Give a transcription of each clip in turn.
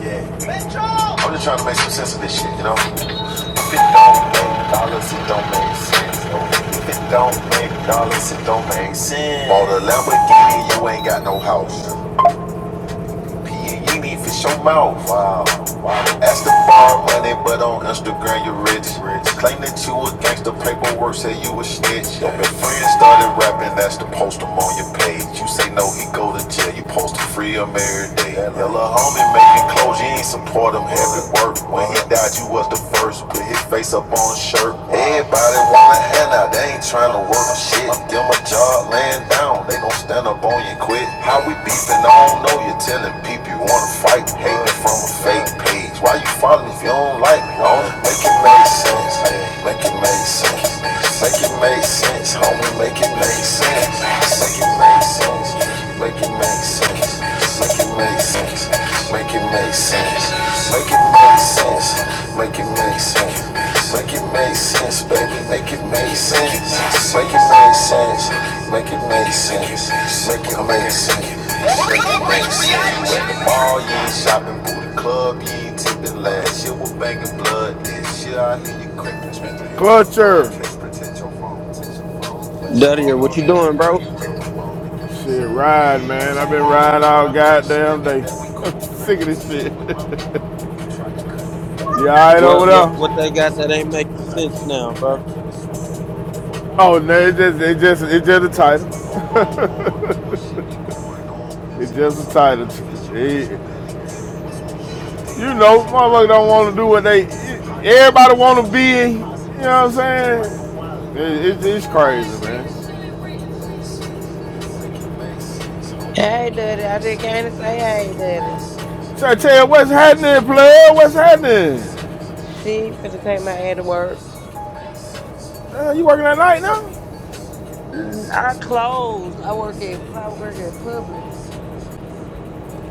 Yeah. I'm just trying to make some sense of this shit, you know? If it don't make dollars, it don't make sense. If it don't make dollars, it don't make sense. Bought a Lamborghini, you ain't got no house. You need to show mouth. Wow. wow. Ask the ball money, but on Instagram you rich. rich. Claim that you a gangster, paperwork say you a snitch. Your friend started rapping, that's to post him on your page. You say no, he go to jail. You post him free him every day. Your little homie making clothes, you ain't support him every work. When he died, you was the first. Put his face up on a shirt. Everybody want a handout, they ain't trying to work on shit. Give him a job, man laying down, they gon' stand up on you quick. How we beefing, I don't know. You're telling people you wanna fight, hating from a fake page. Why you follow me if you don't like me, homie? Make it make sense, make it make sense, make it make sense, homie. Make it make sense, make it make sense, make it make sense sense. Make it make sense. Make it make sense. Make it make sense. Make it make sense. Make it make sense, baby. Make it make sense. Make it make sense. Make it make sense. Make it make sense. Make it make sense. When the mall, you shopping, booty club, you ain't tipping last year. We're banging blood this year. I hear you cracking. Culture. Duddy, what you doing, bro? Shit, ride, man. I've been riding all goddamn day. I'm sick of this shit. you alright over What what there? what they got that ain't making sense now, bro? Oh, no, it just, it just, it just a title. It's just a title. It- you know, motherfuckers don't want to do what they, everybody want to be, you know what I'm saying? It, it, it's crazy, man. Hey, Daddy. I just came to say hey, Daddy. So I tell you what's happening, player. What's happening? Shit, finna take my head to work. Uh, you working at night now? Mm, I closed. I work at I work at Publix.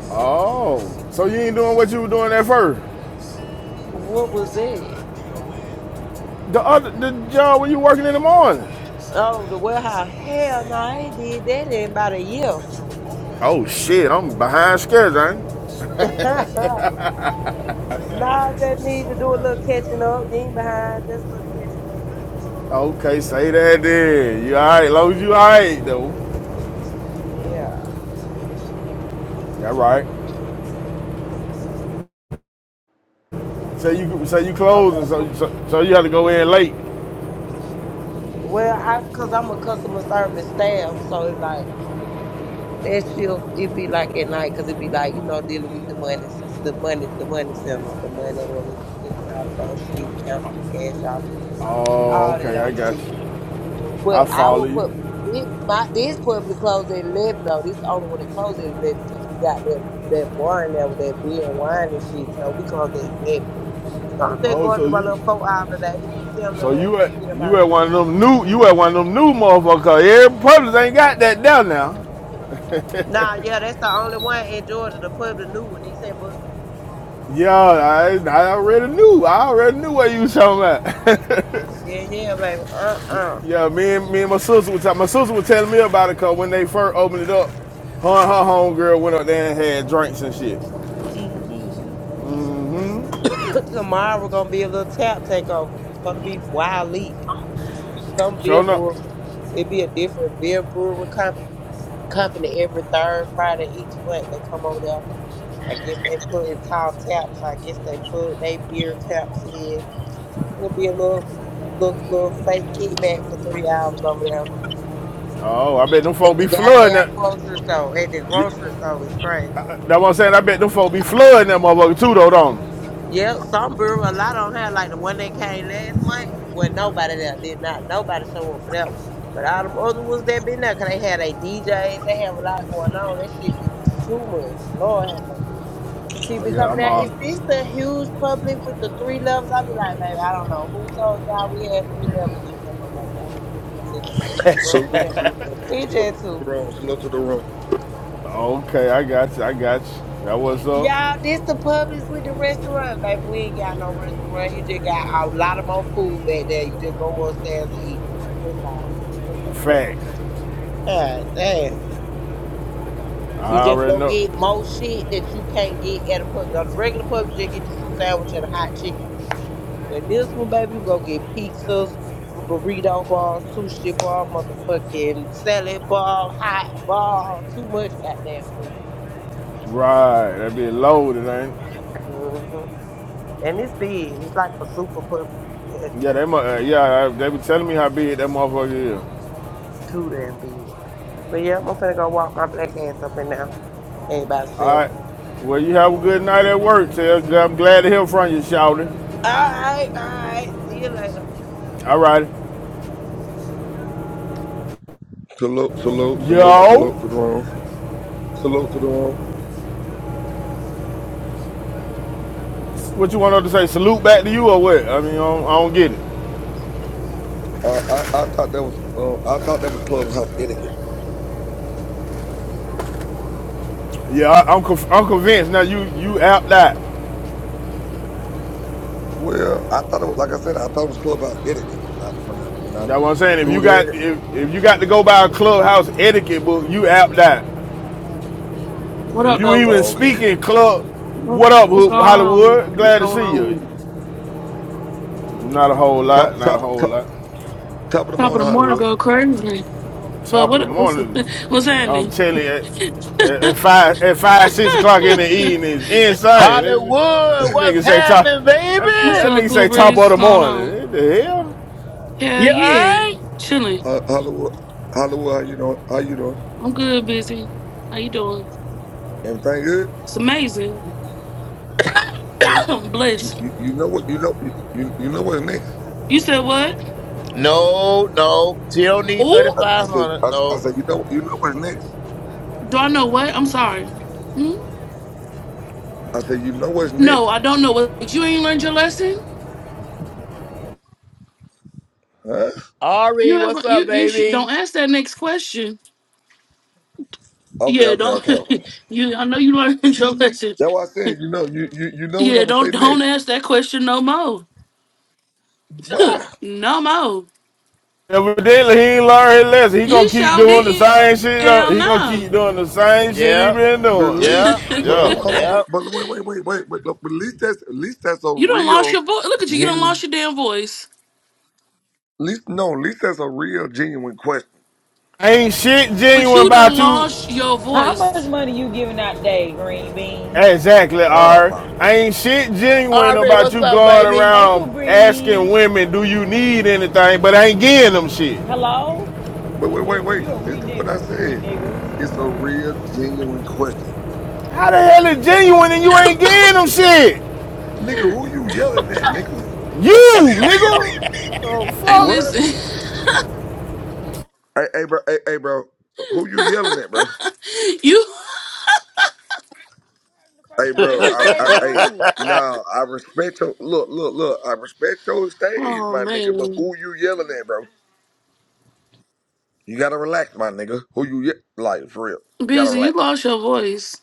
Oh, so you ain't doing what you were doing at first? What was that? The other the job when you working in the morning. Oh, the warehouse. Hell no, I ain't did that in about a year. Oh shit, I'm behind schedule. Ain't? nah, just need to do a little catching up. You ain't behind, just a little catching up. I? Okay, say that then. You all right? Long as you all right though. Yeah. That right. Say you say you Okay. closing, so so, so you have to go in late. Well, I because I'm a customer service staff, so it's like that shift it be like at night because it be like you know dealing with the money, the money, the money center, the money orders, the all that old shit, count the cash office, Oh, all that okay, I old got shit. you. I But I follow will put you. this my this public closed at eleven though. This the only one that closed at eleven because we got that that bar in there with that beer and wine and shit. So we closed at eleven. So I'm just Oh, going to so do my you little four hour today, seven to so eleven, you at get up you out of there. at one of them new you at one of them new motherfuckers. Every public ain't got that down now. Nah, yeah, that's the only one in Georgia, the public new one. They said Buckhead. Yo, I, I already knew. I already knew what you was talking about. Yeah, yeah, baby. Uh, uh yeah, me and me and my sister was talking. My sister was telling me about it because when they first opened it up, her and her homegirl went up there and had drinks and shit. hmm Tomorrow we're gonna be a little tap takeover. It's supposed to be Wild Leap. Some beer Showing up. brewery. it be a different beer brewery comp- company every third Friday each month. They come over there. I guess they put it's called taps. I guess they put they beer taps in, and it be a little, little, little fake kickback for three hours over there Oh, I bet them at folk be the flooding goddamn that. grocery store. At the Yeah, grocery store, it's crazy for me. That's what I'm saying. I bet them folk be flooding that motherfucker too, though, don't? they? Yep, some brewery, a lot on here, like the one that came last month. Well, nobody there did not. Nobody show up for that one. But all them other ones that been there, 'cause they had their DJs, they have a lot going on. That shit be too much. Lord have mercy. People Oh be yeah, coming I'm out. all. Is this the huge public with the three levels? I be like, baby, I don't know who told y'all we had three levels in here, but baby, I ain't three. It's just two. You Salute to the understand? room. It's Salute just to the two. room. Salute to the room. Okay, I got you. I got you. That was up. Y'all, this the Publix with the restaurant, baby. We ain't got no restaurant. You just got a lot of more food back there. You just go upstairs and eat. boo. That's all. That's all. That's Fact. it. God damn. I You just already go know. get more shit that you can't get at a pub. On the regular pub, you just get you some sandwich and a hot chicken. But this one, baby, you go get pizzas, b- burrito bar, sushi bar, motherfucking salad bar, hot bar. Too much goddamn food. Right. That be loaded, ain't it? hmm And it's big. It's like a super Publix. you ask me. Yeah, they uh, yeah, uh, they be telling me how big that motherfucker is. Too damn big. But yeah, I'm finna go walk my black ass up and down. Everybody All right. sell. Well, you have a good night at work, Tell. I'm glad to hear from you, shouting. All right, all right. See you later. All right. Salute, salute, salute, Yo, salute to the room. Salute to the room. what you want to say? Salute back to you or what? I mean, I don't, I don't get it. Uh, I, I thought that was uh, I thought that was clubhouse etiquette. Yeah, I, I'm conf- I'm convinced. Now you you apt that. Well, I thought it was like I said, I thought it was clubhouse etiquette when I when I when I That's what I'm saying. If do you got that. if, if you got to go by a clubhouse etiquette book, you apt that. What If up, you though? even Oh, okay. speak in club, what up What's going on? Hollywood? What's Glad to going see you. on? Not a whole Top lot. Not a top whole top, lot. top of the Top of the morning, morning Hollywood. go crazy. But top of the what what's morning. what's I'm happening? telling you, at, at five, at five, six o'clock in the evening is insane. It, Hollywood, that what's nigga say top, happening, that, What's baby? that up, nigga say Cool top Breeze? of What's the going on? morning. What the hell? Hell You alright? yeah, chilling. Uh, Hollywood, Hollywood. How you doing? How you doing? I'm good, busy. How you doing? Everything good? It's amazing. I'm blessed. You, you know what? You know you you know what's next. You said what? No, no. She don't need thirty Oh, I, I five said hundred. I, I No. said you know you know what's next. do I know what? I'm sorry. Hmm? I said you know what's No, next. I don't know what. You ain't learned your lesson. Huh? You Ari, have what's you up, you should don't baby? ask that next question. Okay, Yeah, okay, don't. okay, okay. you I know you learned your How lesson. That's why I said, you know, you you, you know what I'm Yeah, gonna say don't don't next. ask that question no more. Wow. no more. Evidently, he ain't learned his lesson. He gonna He keep sure doing the didn't. same shit. Hell He gonna no. keep doing the same shit he Yeah, been But at doing. least yeah, but Yeah. hold on, hold yeah. on, but, but wait, wait, wait, wait, but, but at least that's at least that's a You done lost real your voice. Look at you. You done lost genuine your damn voice. at least no, at least that's a real genuine question. Ain't shit But genuine you about done you. lost your much voice. money you giving out today, Green Bean? Exactly, Oh R. my Ain't shit genuine Ari, about what's you up, going baby? Hey, around Cool asking Breeze. women, do you need anything, but ain't getting them shit. Hello? but Indian wait, wait, giver, you wait. a re Listen to what I nigga. Re said. nigga. It's a real genuine question. How the hell is genuine and you ain't getting them shit? Nigga, who you yelling at, nigga? You, Ooh, nigga. Oh Hey, What? fuck. listen. Hey, hey bro, hey, hey bro. Who you yelling at, bro? You. The first Hey, time bro. oh, he I, said I, hey, you. nah. I respect your look, look, look. I respect your stage, Oh my nigga. But man, who you yelling at, bro? You gotta relax, my nigga. Who you ye- like for real? gotta busy. You relax. lost your voice.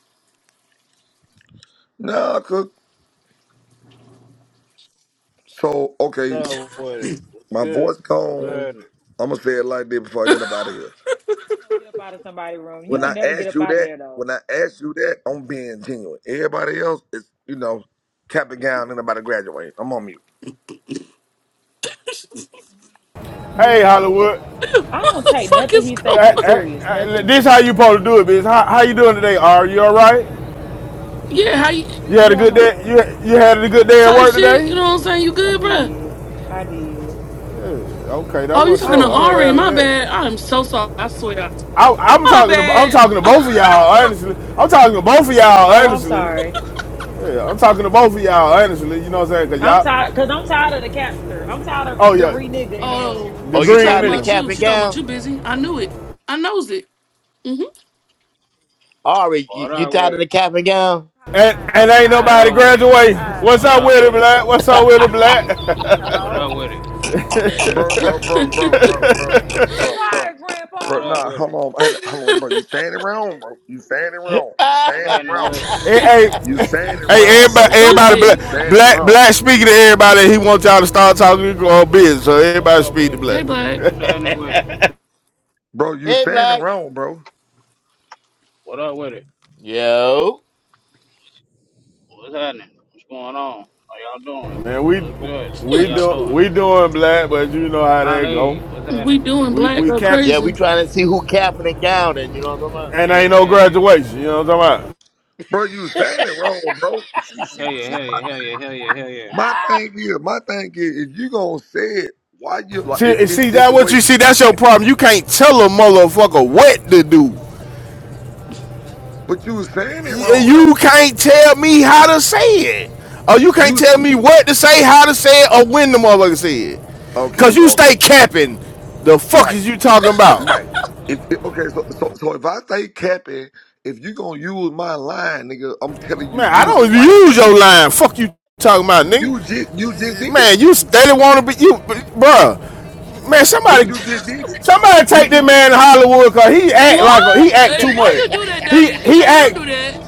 Nah, cook. So okay, what up with it? What's my good? voice What's gone. happening? I'ma say it like this before I get up out of here. I was gonna get up out of somebody's room. You When don't I never get ask up you out of that, there though. when I ask you that, I'm being genuine. Everybody else is, you know, cap and gown and about to graduate. I'm on mute. You Hey ain't. Hollywood. I don't the take fuck nothing is he going? say Hey, p- on? hey, serious. hey, Nothing. this how you supposed to do it, bitch. How, how you doing today? Are you all right? Yeah, how you You had a Yeah, I'm good day. okay. You you had a good day at type work shit? You today. know what I'm saying? You I good, bruh? did. I did. Okay, that Oh, you was talking How to so. was I'm your Ari? glad of My day? that. bad. I'm so sorry. I swear. I, I'm My talking. To, I'm bad. talking to both of y'all honestly. I'm talking to both of y'all Oh, I'm honestly. sorry. Yeah, I'm talking to both of y'all honestly. You know what I'm saying? Cause I'm y'all. tired because I'm tired of the capster. I'm tired Oh of the yeah, re nigga in the room. Oh, the she you green talking tired of the about nigga. cap you. and She talking about gown? you, busy. I knew it. I knows it. hmm Ari, you, What you up with tired of it? the cap and I'm gown? And, tired. and I'm ain't What tired, nobody up boss. with it? I'm graduating. tired. What's What up up with it, with it? black? What's up with it, Hello? black? What up Hello? with it? Bro, bro, bro, bro, bro, bro, bro, I'm bro, bro. tired, What Bro, Grandpa. up nah, with it? hold on. I- Hold on, bro. You saying it wrong, bro. You saying it wrong. You What's saying it happening wrong. with it? hey, You hey, saying it hey, wrong, Rich can everybody, bro. say it everybody, however Stupid. black, You he want to saying it say black, it. wrong. black speaking to everybody. He wants y'all to start talking uh, business. So What everybody up speak with to it? black. Hey, Black. What's happening with it? Bro, you hey, saying it Black. wrong, bro. What up with it? Yo. What's happening? What's going on? How y'all doing? Man, we What's good? How we y'all do doing? we doing black, but you know how that go. Ali, what's happening? we doing We Black we go can't, Yeah, we crazy. trying to see who capping and gowning, you know what and Hell yeah, ain't no hell yeah. graduation. You know what I'm talking Bro, you saying it wrong, bro. See, see, Hell yeah, see, hell my yeah, hell yeah, thing hell is, yeah, hell yeah. my I'm thing is, my thing is, if you gonna say it, why you about? like, it, See, it, see it's that the what way you you, see? That's your problem. You can't tell a motherfucker what to do. but you was saying it wrong, You though. can't tell me how to say it. Or you can't You, tell s- me what to say, how to say it, or when the motherfucker say it. Cause okay, you okay. stay capping. The fuck Right, is you talking about? Right. If if- okay, so so so if I say capping, if you gonna use my line, nigga, I'm telling you, Man, I use it don't right, use nigga. your line. Fuck you talking about, nigga. You just you just did it, Man, you steady wanna be you b- bruh. Man, but somebody you just did it. somebody You take this just did it, man to Hollywood cause he act like a, What? he act Hey, too why much. you do that, talking He Daddy? about? he Daddy, don't act do that.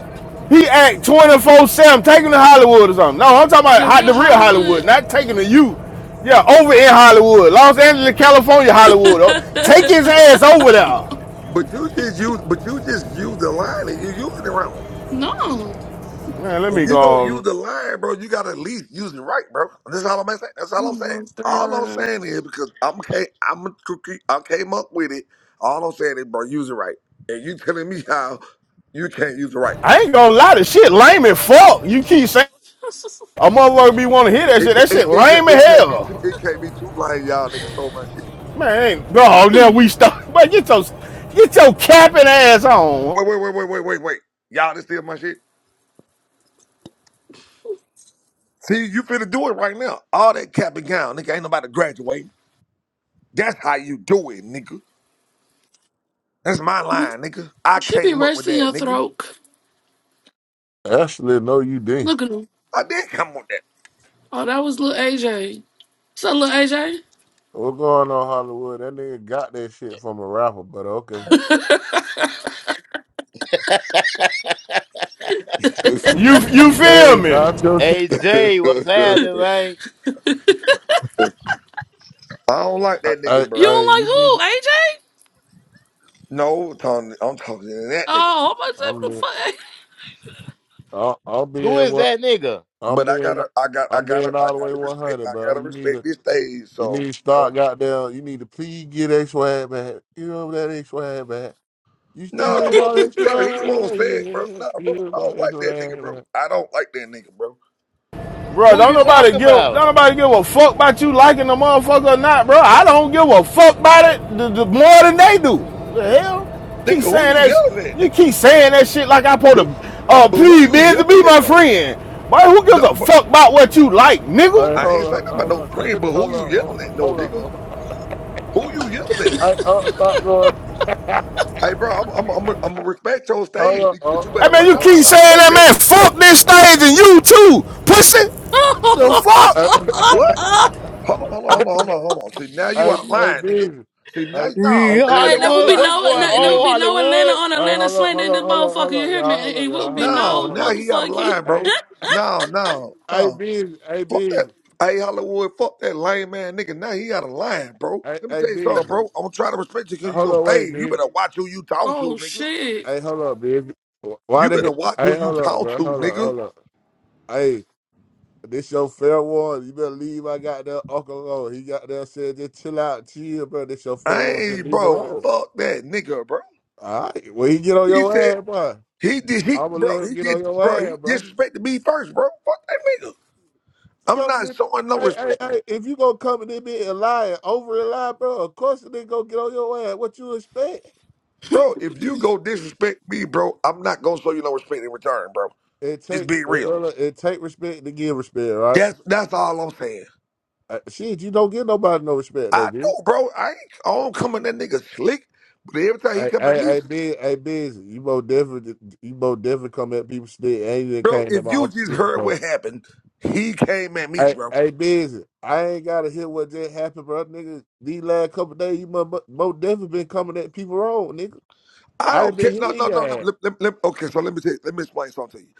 He act 24 7, taking to Hollywood or something. No, I'm talking about The hot, real the real Hollywood, Hollywood. not taking to you. Yeah, over in Hollywood, Los Angeles, California, Hollywood. Oh, Take his ass over there. but you just use but you just used the line and you using it wrong. no. Oh Man, let If me go. you gonna use on. the line, bro, you gotta at least use it right, bro. That's all I'm saying. That's all I'm saying. my All I'm God. saying is because I'm ca- I'm a cookie. I came up with it. All I'm saying is, bro, use it right. And you telling me how you can't use it right? I ain't gonna lie, to shit lame as fuck. You keep saying a motherfucker be want to hear that It, shit. ca- That it, shit it, ca- lame as it can't be too hell. it can't be too lame. Y'all niggas stole my shit. Man, ain't, no, now we start. But get your, get your capping ass on. Wait, wait, wait, wait, wait, wait, wait. Y'all done steal my shit. See, you finna do it right now. All that cap and gown, nigga. Ain't nobody graduating. That's how you do it, nigga. That's my line, nigga. I She be came up with resting that, your nigga. throat. Actually, no, you didn't. Look at him. I did come up with Oh, that was little AJ. What's up, little AJ? What's going on, Hollywood? That nigga got that shit from a rapper, but okay. You, you That feel is me? not your Hey shit. Jay, what's that. happening, man? I don't like that Hey, nigga, you bro. don't hey, like you who? need. AJ? No, I'm talking, I'm talking to that nigga. Oh, I'm about I'm to being. say I- I'm Who being is what. that nigga? I'm But I being. gotta, I got, I I'm gotta, being I all the way gotta respect, 100, I bro. gotta You need respect to. this stage. You need So, to start goddamn. You need to please get that swag back. You know that ain't swag back. You still what Nah, ain't bro, all that but- the bro, he fuck. swag. Yeah, won't say you it, bro. Nah, bro, know I don't that like that nigga, swag bro. back. I don't like that nigga, bro. Bro, Who don't you nobody talking give don't about? nobody give a fuck about you liking the motherfucker or not, bro. I don't give a fuck about it the, the more than they do. The hell? Nigga, Keep who saying you that. sh- yelling at, You nigga? keep saying that shit like I put a But uh but who please you man to be yelling at my though? friend. Boy, who gives No, a but fuck about what you like, nigga? Hey, I ain't hold saying on, about hold no on, friend, but who hold you on, yelling at, no hold on, hold nigga? on. Who you yelling at? Hey, oh, stop going. Hey, bro, I'm I'm I'm I'm gonna respect your Hold stage, on, nigga, but oh, you I better hold on, ma- mean, you oh, nah keep hold saying nah on. fuck that that. man. Hey, Fuck this stage and you too, pussy. The fuck? Oh. what? Hold on, hold on, hold I, on, hold on, hold on. See now you I, out of I line, nigga. busy. See now, I, no, I Yeah, now that Hey, busy. nigga there out will of Hollywood, be line. what's no, going I no there will busy. on, be no Atlanta Hollywood? on Hey, Atlanta hold on, slander hold in on, this hold on, motherfucker. hold You on, hear me? y'all, hold It on, will y'all, be hold on, No, y'all, no hold now on. he out of motherfucking. line, I, bro. No, no, I no. busy. I Fuck that. busy. Hey, Hollywood, fuck that lame man nigga. Now he out of line, bro. I, Let me I tell you busy. something, bro. I'm trying to respect you because you Hold your on, wait, stage. You busy. better watch who you talk to, Oh nigga. shit! Hey, hold on, busy. Why You the better heck? watch who Hey, you hold on, talk bro. to, Hold on, nigga. hold on. Hey, this your fair warning. You better leave. I got that uncle alone. He got there said, just chill out, chill, bro. This your fair warning. Just Hey, leave him bro, alone. fuck that nigga, bro. All right. Well, he get on He your said ass, boy. he did he I'ma bro, let him he get on did your bro, he ass, bro. disrespected me first, bro. Fuck that nigga. I'm Coming not in, showing no hey, hey, respect. hey, if you gonna come in me and lie and over and lie, bro, of course they gonna get on your ass. What you expect? Bro, if you go disrespect me, bro, I'm not gonna show you no respect in return, bro. It Just take be it, real. look, look, it take respect to give respect, right? That's that's all I'm saying. Uh, shit, you don't give nobody no respect, I though, bitch. know, bro. I ain't I don't come at that nigga slick, but every time he Hey, come at hey, me, hey, biz, hey, biz, you both definitely, you both definitely come at people still, and you done bro, came at if my you uncle just Flip, heard so. what happened, he came at me, Hey, bro. hey, busy. I ain't gotta hear what just happened, bro. Nigga, these last couple days, you must mo- most definitely been coming at people wrong, nigga. I I done don't care. been No, hitting no, your no, no. ass. Let, let, let- okay, so let me tell you, let me explain something to you.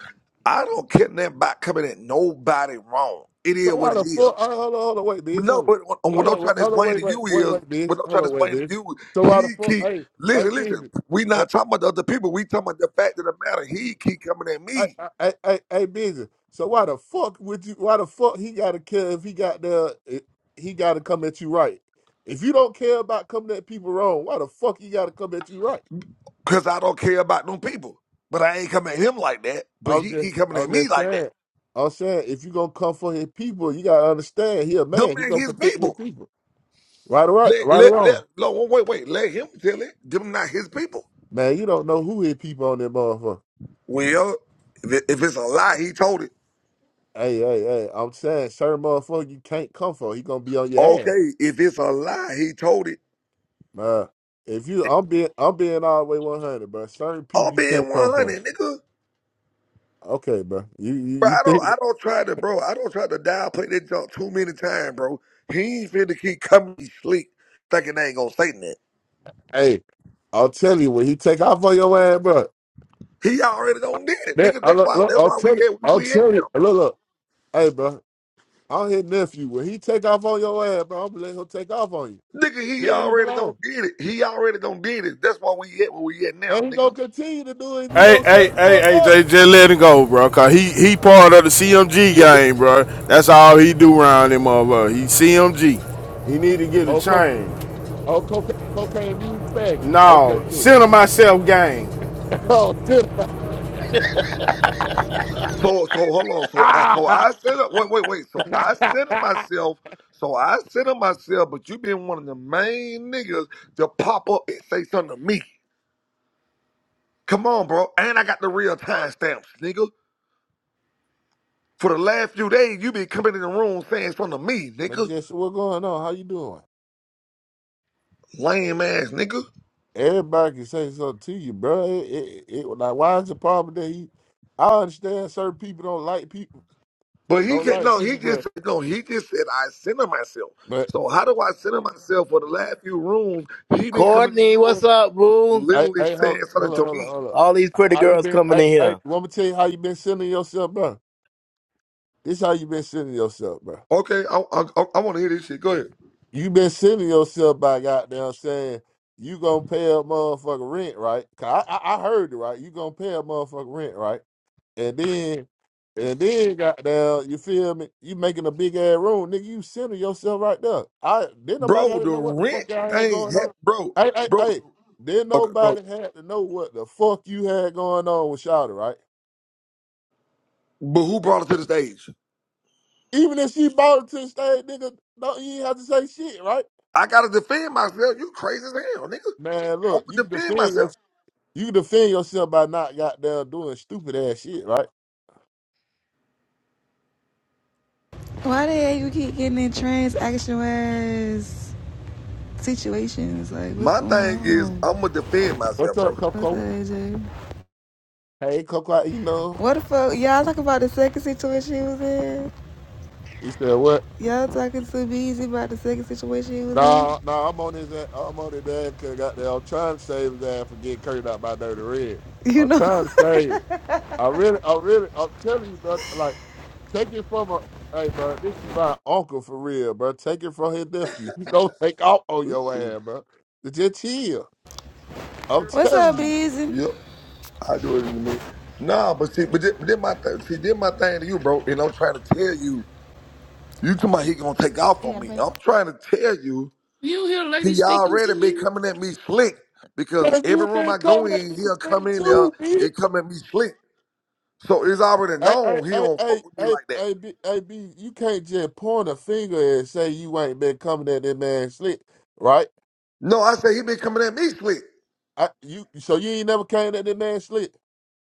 I don't care nothing about coming at nobody wrong. It is So what why it the is. fuck? Uh, hold on, hold on, wait, But bitch. no, Hold on. but what, what Hold I'm on, wait, trying to hold on, explain to wait, wait, you wait, is wait, bitch. what I'm Hold trying to on, wait, explain to bitch. you. So why the He fuck? keep Hey, hey, listen, listen. busy. We Hey, not talking about the other people. We talking about the fact of the matter. He keep coming at hey, me. hey, hey, hey, busy. So why the fuck would you? Why the fuck he gotta care if he got the? eh, He gotta come at you right. If you don't care about coming at people wrong, why the fuck he gotta come at you right? Cause I don't care about them people. But I ain't coming at him like that. But I'm he, just, he coming at I'm me just like that. saying. I'm saying if you gonna come for his people, you gotta understand he a Them man. He ain't gonna his protect his people. people. Right or right, Let right or let wrong. let no wait wait let him tell it. Them not his people. Man, you don't know who hit people on that motherfucker. Well, if, it, if it's a lie, he told it. Hey, hey, hey, I'm saying, certain motherfucker you can't come for. He gonna be on your ass, Okay, if it's a lie, he told it. man. If you, I'm being, I'm being all the way 100, bro. Certain I'm people you being can't come for. 100, nigga. Okay, bro. You, you, Bro, you I don't think? I don't try to bro. I don't try to dial play that junk too many times, bro. He ain't finna keep coming to sleep thinking they ain't gonna say nothing. Hey, I'll tell you when he take off on your ass, bro. He already done did it, That nigga. I That's look, why look, that's I'll why we tell you, had we, I'll we tell you, look, look. Hey, bro. I'll hit nephew when he take off on your ass, bro. I'm gonna let him take off on you. Nigga, he Let me already don't belong, did it. He already don't did it. That's why we at where we at now, And he nigga. gonna continue to do it if you Hey, don't hey, shut the hey, fuck hey, J, up. just let him go, bro. Cause he he part of the CMG game, bro. That's all he do around him, motherfucker. He CMG. He need to get a Oh, chain. Oh, cocaine, cocaine music thing. Okay, No, cool. center myself game. Oh, shit. Okay. So so hold on. So I so Ah! I said up wait, wait, wait. So I said to but myself, so I said to myself, but you been one of the main niggas to pop up and say something to me. Come on, bro. And I got the real time stamps, nigga. For the last few days, you been coming in the room saying something to me, nigga. just what's going on? How you doing? Lame ass nigga. Everybody can say something to you, bro. It, it, it, like, why is the problem that he? I understand certain people don't like people, But he don't can like no, he people, but just no, he just said I center myself. but So how do I center myself for the last few rooms? He been coming in the Courtney, room what's up, boo? I, literally I hold, saying something hold on, to hold on, me. hold on. All these pretty How you girls been? coming I, in I, here. let me tell you how you been sending yourself, bro. This how you been sending yourself, bro. Okay, I I, I want to hear this shit. Go ahead, you been sending yourself by goddamn saying you gonna pay a motherfucker rent, right? 'Cause I, I I heard it right. You gonna pay a motherfucker rent, right? And then and then goddamn, you feel me? You making a big ass room, nigga. You sending yourself right there. I didn't nobody bro. had to The know what the rent fuck y'all had thing, going hap- on. bro, Hey hey bro. hey, didn't Okay, no, nobody had to know what the fuck you had going on with Shawty, right? but who It- brought it to the it- stage? Even if she bought it to the stage, nigga, don't you ain't have to say shit, right? I gotta defend myself. You crazy as hell, nigga. Man, I'm look, you gonna can defend defend myself. yourself. You can defend yourself by not goddamn doing stupid ass shit, right? Why the hell you keep getting in transactional ass situations? Like, what's My going thing is on? I'm gonna defend myself, What's bro. up, What's up, Coco? AJ? Hey, Coco, you know. What the fuck? Y'all talking about the second situation he was in? He said, what? Y'all talking to Beezy about the second situation he was in? Nah, nah, I'm on his ass. I'm on his ass because goddamn, I'm trying to save his ass for getting curted out by Dirty Red. You I'm know? trying to save him. I really, I really, I'm telling you, bro, like, take it from a, hey, bro, this is my uncle for real, bro. Take it from his nephew. He gonna take off on your ass, bro. Just chill. I'm What's telling up, you. Beezy? Yep. I do it in a minute. Nah, but see, but then, but then my th- see, then my thing to you, bro, and I'm trying to tell you, you talking about he gonna take off You on gotta me. pay. I'm trying to tell you, You hear a he lady speaking to already been you? coming at me slick because Cause every you room been I go coming at in, me he'll for come in there too, and come at me slick. So it's already Hey, hey, known he hey, don't fuck hey, with me hey, like that. hey, B, hey, B, you can't just point a finger and say you ain't been coming at that man slick, right? No, I say he been coming at me slick. I, you, so you ain't never came at that man slick?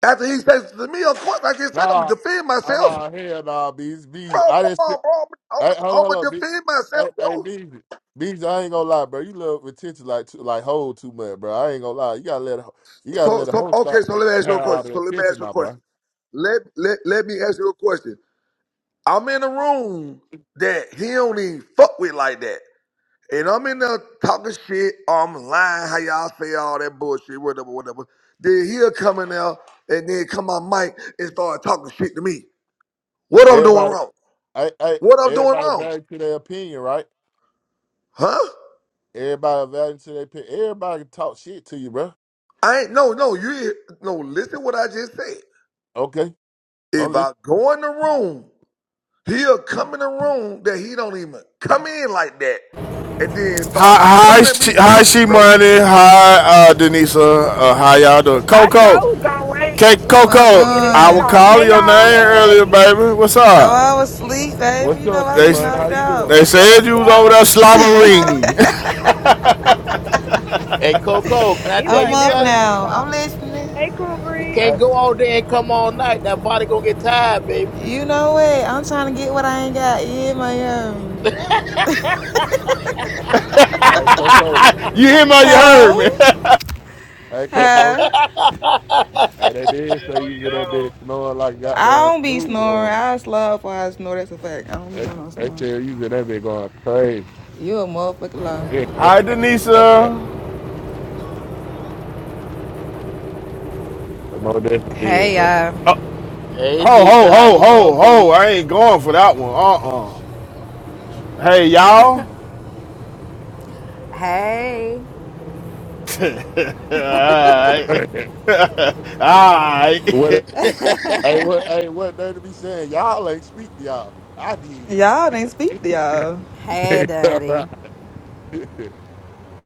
After he says to me, of course, like I said, I'm gonna Nah, defend I myself, nah, hell nah, Beezy, Beezy. bro. I Come just, hey, on, bro, I'm gonna hold on, I'm hold on, gonna B, defend hey, myself, hey, bro. Beezy, Beezy, I ain't gonna lie, bro. You love attention like too, like hold too much, bro. I ain't gonna lie. You gotta let, a- you gotta So, let the so whole okay. stop So let me ask you have a all question. the So let me attention, ask you a my question. boy. let, let let me ask you a question. I'm in a room that he don't even fuck with like that. And I'm in there talking shit, I'm lying, how y'all say all that bullshit, whatever, whatever. Then he'll come in there and then come on mic and start talking shit to me. What I'm doing Everybody, wrong? hey, hey, What I'm doing everybody wrong? value to their opinion, right? Huh? Everybody evaluating their pick. Everybody can talk shit to you, bro. I ain't no no you no listen what I just said. Okay, I'm If listening. I go in the room, he'll come in the room that he don't even come in like that and then start Hi, hi, coming at me she, hi, slick, she bro. money. Hi, uh, Denisa. Uh, how y'all doing, I sure Coco? was gonna wait K, when Fuck business Coco. get his I shit on. was off. Hey calling your name Hey, y'all, you hey uh, earlier, daddy. baby. What's Oh, I up? was asleep, baby. What's You know up, I C They be man? How knocked you out. doing? they said Yo you was over there yo. Hey slobbering. Holly. Hey Coco, can I He tell I'm was you up never something? gonna now. I'm stop. listening. Hey Cool You breeze. Hey, can't go all day and come all night. That body gonna get tired, baby. You know what? I'm trying to get what I ain't got. Yeah, my um. hey, Coco. you hear me? You heard me. Hello? Hey, hey Coco. Hi. Hey, they did say Hell you was in that bitch snowing like I down don't be Snoop. snoring. Um, I slur before I snore. That's a fact. I don't be that's doing no that's snoring. crazy. You a motherfucker lie. hi, I Denisa. that's it. hey, you though. uh, Ho, Nisha, ho, how ho, you doing, ho, ho. boo? I ain't going for that one. Uh uh Hey, y'all. hey, Alright. Alright. what? Hey, what? Hey, what? They to be saying y'all ain't speak to y'all. I did. Y'all didn't speak to y'all. hey, daddy.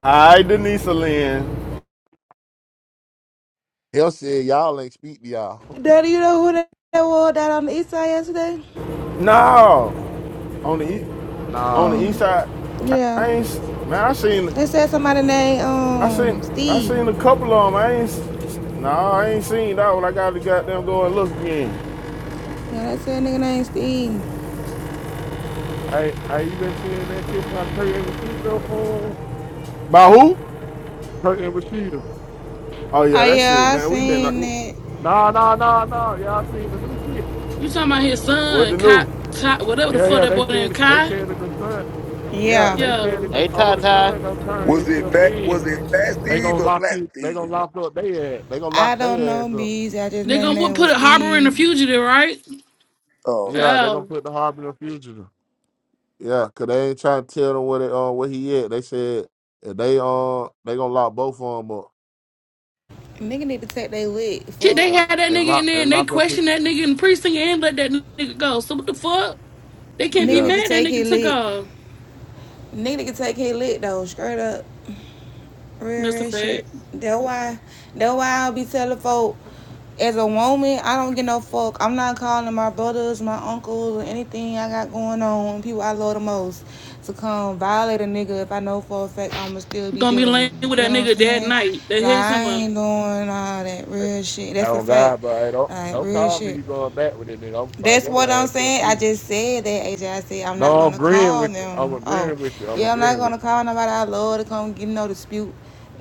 Alright, Denise Lynn. He'll say y'all ain't speak to y'all. Daddy, you know who that was that on the east side yesterday? No. On the east, on the Nah, east Mm, side, yeah. I ain't, s- man, I seen, They said somebody named I seen, um I Steve. seen a couple of them. I ain't, s- no, I ain't seen that one. I gotta goddamn go and look again. Yeah, they said a nigga named Steve. I I even seen that shit by Kurt and Rashida. Uh, By who? Kurt and Rashida. Oh, Oh yeah, that's it, yeah, I man. we been, like, seen that. No, no, no, no. Y'all seen the new shit? You talking about his what son, the Kai, new? Kai whatever the Yeah, fuck yeah. that They boy named said they Kai? said that the son. Yeah, Yeah. they said Yeah, that this Hey older Tata. son don't turn Was it himself fat? Was in. it Fast They Steve gonna or lock Black you. They Steve? gonna lock up their ass. They gonna I lock don't their know ass up. bees. I just they know his gonna name what, was put a harbor in a Steve. fugitive, right? Oh, Yeah, they gonna Oh put the harbinger fugitive. Yeah, cause they ain't trying to tell them where they uh, where he at. They said if they uh they gonna lock both of them up Nigga need to take they lick. shit! Fuck. They and had that and nigga in lock there and and they lock up his questioned that nigga in the precinct and let that nigga go. So what the fuck? They can't be Nigga need yeah. to mad that take his nigga took lick. off, Nigga need to take his lick though. Straight up. Real, Mister real Fag. shit. That's why. That's why i be telling folk. As a woman, I don't get no fuck. I'm not calling my brothers, my uncles, or anything I got going on, people I love the most, to come violate a nigga if I know for a fact I'ma still be Gonna be dealing with laying them. with Feel that what I'm nigga that saying? night. They Like hit I some up. ain't doing all that real shit. That's the Oh fact. God, but hey, don't Like don't real call me. shit. You going back with it, nigga? I'm gonna fire That's your what I'm ass up saying. I too. just said that, AJ. I said I'm not No, I'm gonna agreeing call with you. I'm them. Oh, agreeing with you. I'm yeah, I'm not agreeing with gonna you. call nobody I love to come get in no dispute.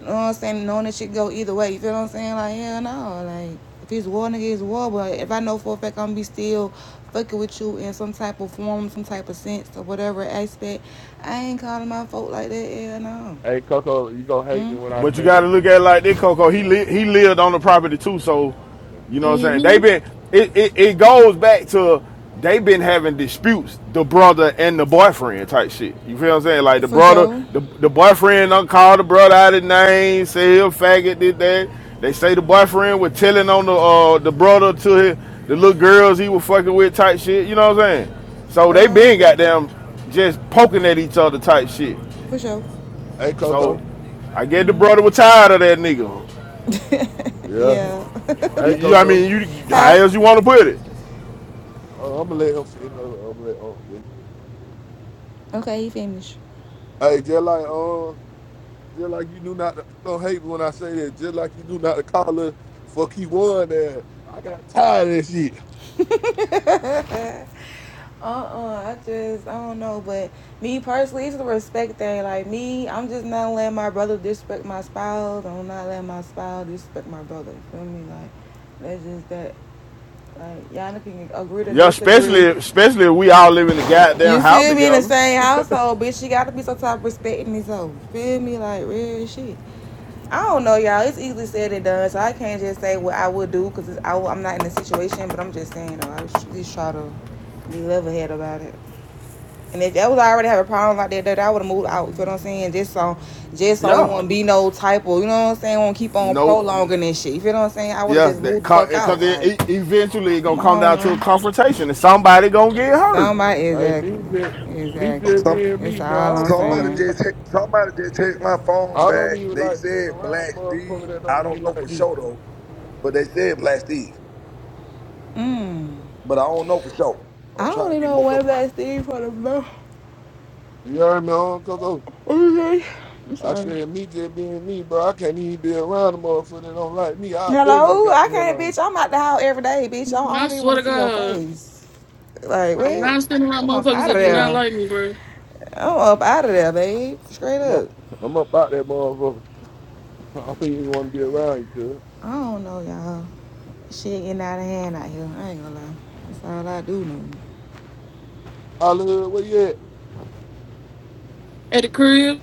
You know what I'm saying? Knowing that shit go either way. You feel what I'm saying? Like, hell no. Like, if it's war, nigga, it's war. But if I know for a fact I'm be still fucking with you in some type of form, some type of sense or whatever aspect, I ain't calling my folk like that. Hell no. Hey, Coco, you gonna hate me Hmm? when I But you say got that? to look at it like this, Coco. He li- he lived on the property too, so you know what I'm saying. They Mm-hmm. been it, it, it goes back to they been having disputes, the brother and the boyfriend type shit. You feel what I'm saying? Like the For brother, sure. the the boyfriend done called the brother out of name, say he a faggot, did that. They say the boyfriend was telling on the uh the brother to his, the little girls he was fucking with type shit. You know what I'm saying? So they Uh, been goddamn just poking at each other type shit. for sure. Hey, So Coco. I get the Hmm. brother was tired of that nigga. Yeah. Yeah. Hey, You, you I Coco. mean, you how huh? else you want to put it? Oh, I'm gonna let him finish. Hold on, I'm gonna let him finish. Okay, he finished. Hey, just like uh, just like you knew not. To, you gonna hate me when I say that? Just like you knew not to call her for key one. There, I got tired of this shit. Uh-uh, I just I don't know, but me personally, it's the respect thing. Like me, I'm just not letting my brother disrespect my spouse. I'm not letting my spouse disrespect my brother. You feel me? Like that's just that. Like y'all can agree to Yeah, especially disagree. especially if we all live in the goddamn You house feel me? In the together. same household, bitch, you gotta be some type of respect in this hoe. Feel me? Like real shit. I don't know, y'all. It's easily said and done, so I can't just say what I would do because I'm not in the situation. But I'm just saying though, I should at least try to be level head about it. And if that was I already have a problem like that, that I would have moved out. You feel what I'm saying? Just so, just so it Yeah, won't be no type of, you know what I'm saying? Won't keep on no, prolonging this shit. You feel what I'm saying? I would have yeah, just that moved the fuck out. because it, Like, eventually it gonna come come on down to a now. confrontation and somebody gonna get hurt. Somebody, Hey, exactly, me just me exactly. just some being It's me, all bro. I don't, I'm I don't somebody saying. even. just hit- somebody just checked my phone I don't back. even They like being said around Black motherfucker Steve. that I don't don't even know for like you. sure though, but they said Black Steve. Mm. But I don't know for sure. I I'm don't trying to even get know more where confirmation. that Steve for the blow. You hear me, on Coco? Okay. I'm I sorry. said, me just being me, bro. I can't even be around a motherfucker that don't like me. I been and Hello, got I the hell can't, on. bitch. I'm out the house every day, bitch. I don't, I I don't even swear want to to see your God, face. Like, I'm what? not standing around I'm up motherfuckers out of that do Feel me? not there. like me, bro. I'm up out of there, babe. Straight I'm up, up. I'm up out that motherfucker. I don't even want to be around you, cuz. I don't know, y'all. Shit getting out of hand out here. I ain't gonna lie. That's all I do know. Hollywood, where you at? At the crib,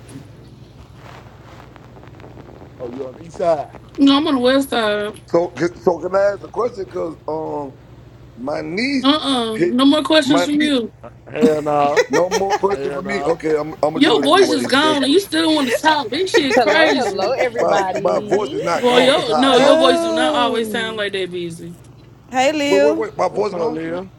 Oh, you on the east side. no, I'm on the west side. So, c- so can I ask a question? Cause um, my niece Uh-uh. hit No more questions my from niece. you. Hell no. No more question for Hell me. no. Okay, I'm I'm gonna do Your it voice is anyway. That's gone and cool. you still want to talk. This shit Hello, hello, crazy. My my voice is everybody. not Boy, gone. That's yo, how I no, your talk. voice do not always Oh. sound like that, busy. Hey, Wait, wait, Lil. wait. My What's voice up, gone for real? Lil?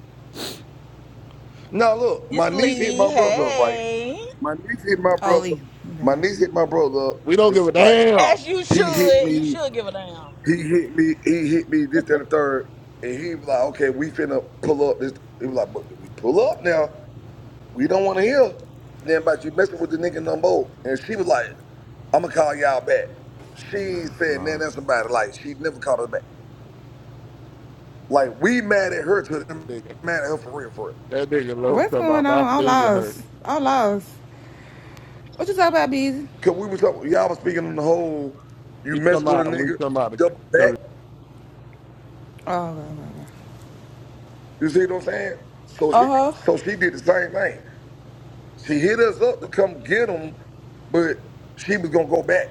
Now look, my It's niece hit Lee. my brother up, right? Hey. My niece hit my Oh, brother. Lee. My My niece hit my brother up. We don't It give a was like damn. As you he hit should. You me, should give a damn. he hit me, he hit me, this, that, and the third. And he was like, okay, we finna pull up this. He was like, but we pull up now. We don't wanna hear then about you messing with the nigga no more. And she was like, I'ma call y'all back. They She ain't not said nothing else flaws. about it. Like she never called us back. Like we mad at her to them Nigga. mad at her for real, for real. That nigga low What's talking going about my on? I'm finger hurt. lost. I'm lost. What you talking about, Beezy? Cause we was talking y'all was speaking on the whole, you He mess talking with a about, we nigga, talking you about the double back. curry. Oh, You see what I'm saying? So she, Uh huh. so she did the same thing. She hit us up to come get him, but she was gonna go back.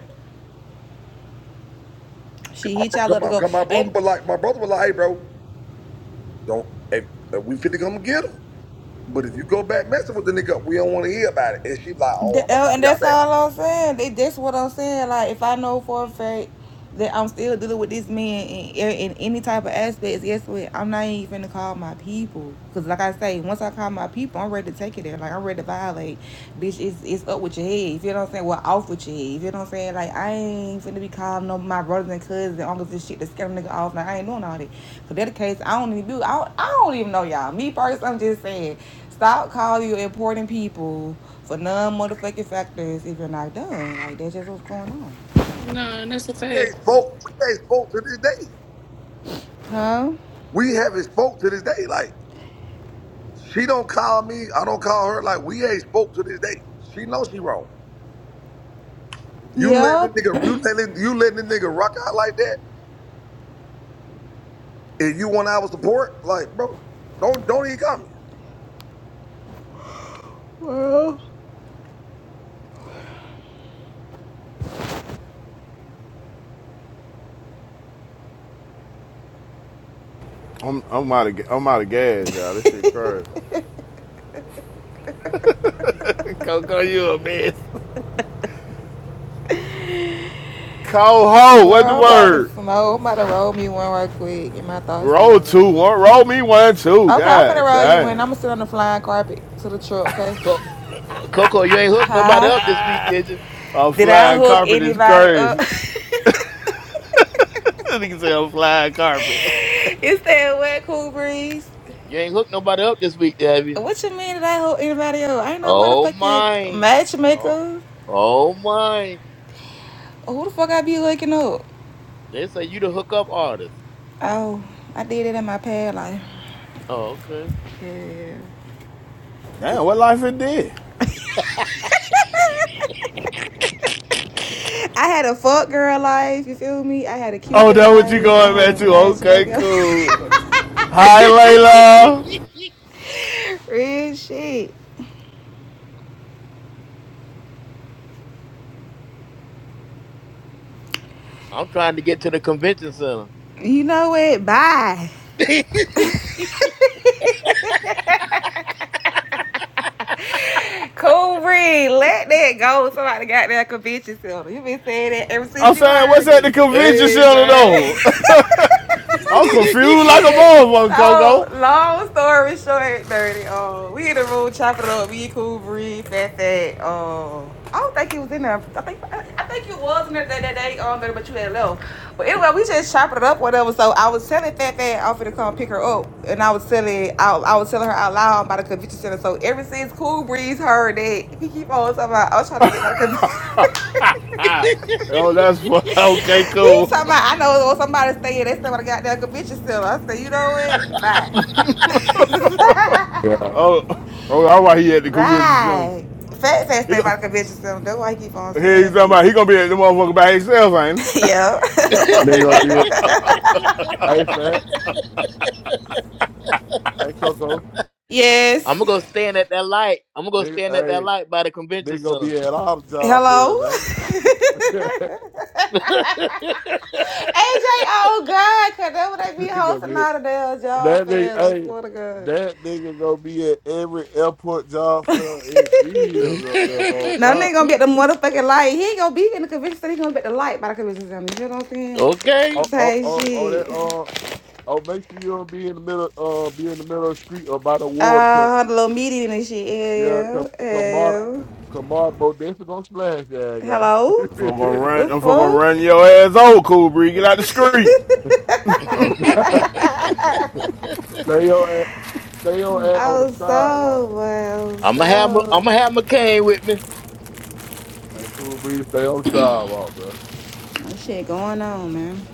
Cause She my, hit bro- y'all 'cause up to my, go. 'cause my brother And was like, my brother was like, hey, bro, don't, hey, uh, we fit to come get him. But if you go back messing with the nigga, we don't want to hear about it. And she was like, oh, I'm gonna oh, call and y'all that's back. all I'm saying. that's what I'm saying. Like, if I know for a fact that I'm still dealing with this man in, in any type of aspects, guess what? I'm not even gonna call my people. Because, like I say, once I call my people, I'm ready to take it there. Like, I'm ready to violate. Bitch, it's, it's up with your head. If you know what I'm saying, well, off with your head. If you know what I'm saying, like, I ain't finna be calling no my brothers and cousins and uncles and shit to scare them nigga off. Like, I ain't doing all that. So, that the case, I don't even do, I don't, I don't even know y'all. Me first, I'm just saying. Stop calling you important people for non motherfucking factors if you're not done. Like that's just what's going on. Nah, and that's a We fact. ain't spoke. We ain't spoke to this day. Huh? We haven't spoke to this day. Like she don't call me. I don't call her. Like we ain't spoke to this day. She knows she wrong. You let this Yep. nigga, you let this, you let this nigga rock out like that. If you want our support, like, bro, don't don't even come. well, I'm I'm out of I'm out of gas, y'all. This shit crazy. Coho, bro, what the I'm about to word? smoke. I'm about to roll me one right quick. Get my thoughts Roll together. two one, roll me one two. Okay, I'm finna God roll you one. damn, I'm gonna sit on the flying carpet to the truck. Okay. Co- Coco, you ain't hooked nobody Hi. up this week, did you? a Did I flying hook carpet is anybody up? crazy. It's that wet cool breeze. You ain't hooked nobody up this week, have you? What you mean did I hook anybody up? I ain't no Oh motherfucking my. Oh, matchmaker. oh my. Oh, Who the fuck I be looking up? They say you the hookup artist. Oh, I did it in my past life. Oh, okay. Yeah. Damn, what life it did? I had a fuck girl life, you feel me? I had a Oh, cupid that what you life. I going had back a to? Okay, matchmaker. life. cool. Hi, Layla. Real shit. I'm trying to get to the convention center. You know it. Bye. hey cool breed. Let that go. Somebody got that convention center. You been saying that ever since I'm you saying, what's heard at the it. convention center man. though? I'm confused like a motherfucker, So Coco. long story short, dirty. Oh, we hit the road, chop it up. We cool, breed, fat, fat. Oh, I don't think he was in there. I think I think you was in there that, that day, um, but you had left. But anyway, we just chopped it up, whatever. So I was telling fat, fat, offered to come pick her up, and I was telling, I, I was telling her out loud about the convention center. So ever since Cool Breeze heard that, he keep on talking about, I was trying to get by the convention. Oh, that's fu- okay, He cool. talking about, I know when somebody stay in, they still got that convention center. I say you know what? Bye. Yeah. Oh, oh, all right, he at the convention center. Bye. Fat Fat He stay go, by the convention center. That's why I keep on he saying talking about it. he gonna be at the motherfucker by himself, ain't he? yeah. Nigga gonna be at, hey, fat, hey, Coco. I'm yes. gonna go stand at that light. I'm gonna go Nigga, stand at that hey, light by the convention nigga gonna center. be at all the job Hello. fairs, ain't it? AJ, oh God, cause that what they be nigga gonna hosting be at- all the damn job that nigga, fairs. I hey, swear to God. that nigga gonna be at every airport job fair and be up there, bro. no God, nigga gonna be at the motherfucking light. He ain't gonna be in the convention center. He gonna be at the light by the convention center. You know what I'm saying? oh, okay. oh, Say oh, oh, that, shit. uh, oh, make sure you don't be in the middle, uh, be in the middle of the street or by the water, 'cause, Uh, had a little meeting and shit. yeah, Yeah, cause Kamada, yeah, yeah. Kamada, bro, this is gonna slash that Hello? I'm gonna guy. The run, I'm gonna fuck? run your ass over, Cool Bree. Get out the street. oh, God. They on, at- they on, at- I on the was so sidewalk. well, I'm gonna have I'm so. gonna have McCain with Hey, cool breeze, stay on the sidewalk, bro. That shit going on, man.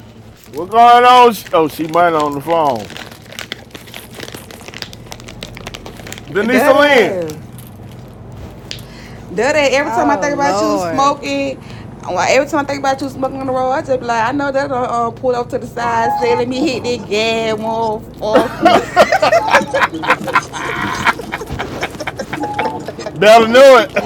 What's going on? Oh, she might on the phone. Denise That Lynn. ass. That ass. Every time I Oh, think about you Lord. smoking, well, every time I think about you smoking on the road, I just be like, I know that uh, uh, pull up to the side, say, let me hit that gas, motherfucker. Better know it.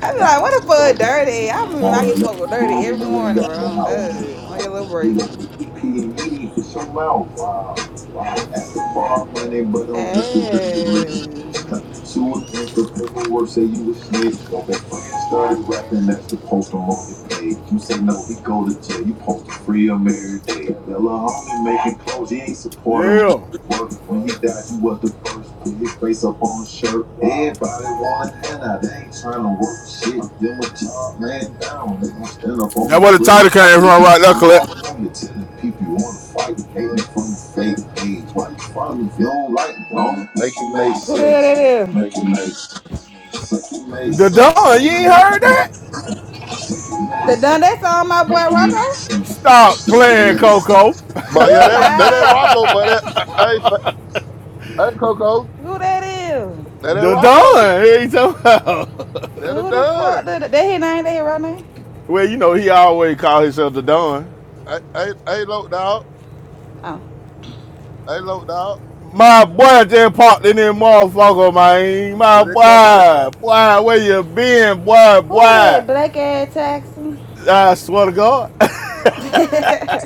I be like, what the fuck, dirty? I mean, Or I used to let smoke with the dirty dude every even morning, got bro. no I'm good. On mouth. your little You break. got to keep hitting me for so loud. Wow. Wow. That's the bar money, but on Instagram delete. Hey, Coming to it, thanks to paperwork, say you a snitch. So that friend started rapping, that's the post I'm on your page. You say no, he go to jail, you post to free him every day. Tell a homie making clothes, he ain't support him. Yeah. Work. When he died, he was the first. Put his face up on shirt. Everybody wanna hand They ain't trying to work shit. Them a job laying down. They gon' stand up on That the was the grip. title came from right there, And Colette. all on your tenant people you wanna fight. Hating from a fake page. Why you follow if you don't like me, homie? Make it make who the hell that sense. is? Make it make sense. Make it make The sense, Don, you homie. ain't Make it heard that? make sense. Make it make The sense. done that song, my boy Make it make Rocco? sense. Stop Make it playing, make Coco. sense. But You yeah, that that ain't lie. Rocco, but that hey, fa- hey Coco. Who that is? That ain't The Rocco. Don, he ain't talking about- That a Who the fuck? done. The, the, that his name? That his real name? Well, you know, he always call himself the Don. I I I ain't low dog. Oh, I ain't low dog. My boy just popped in there, motherfucker, man. My When it comes to boy, boy, where you been, boy, who boy? that black ass Texan? I swear to God. uh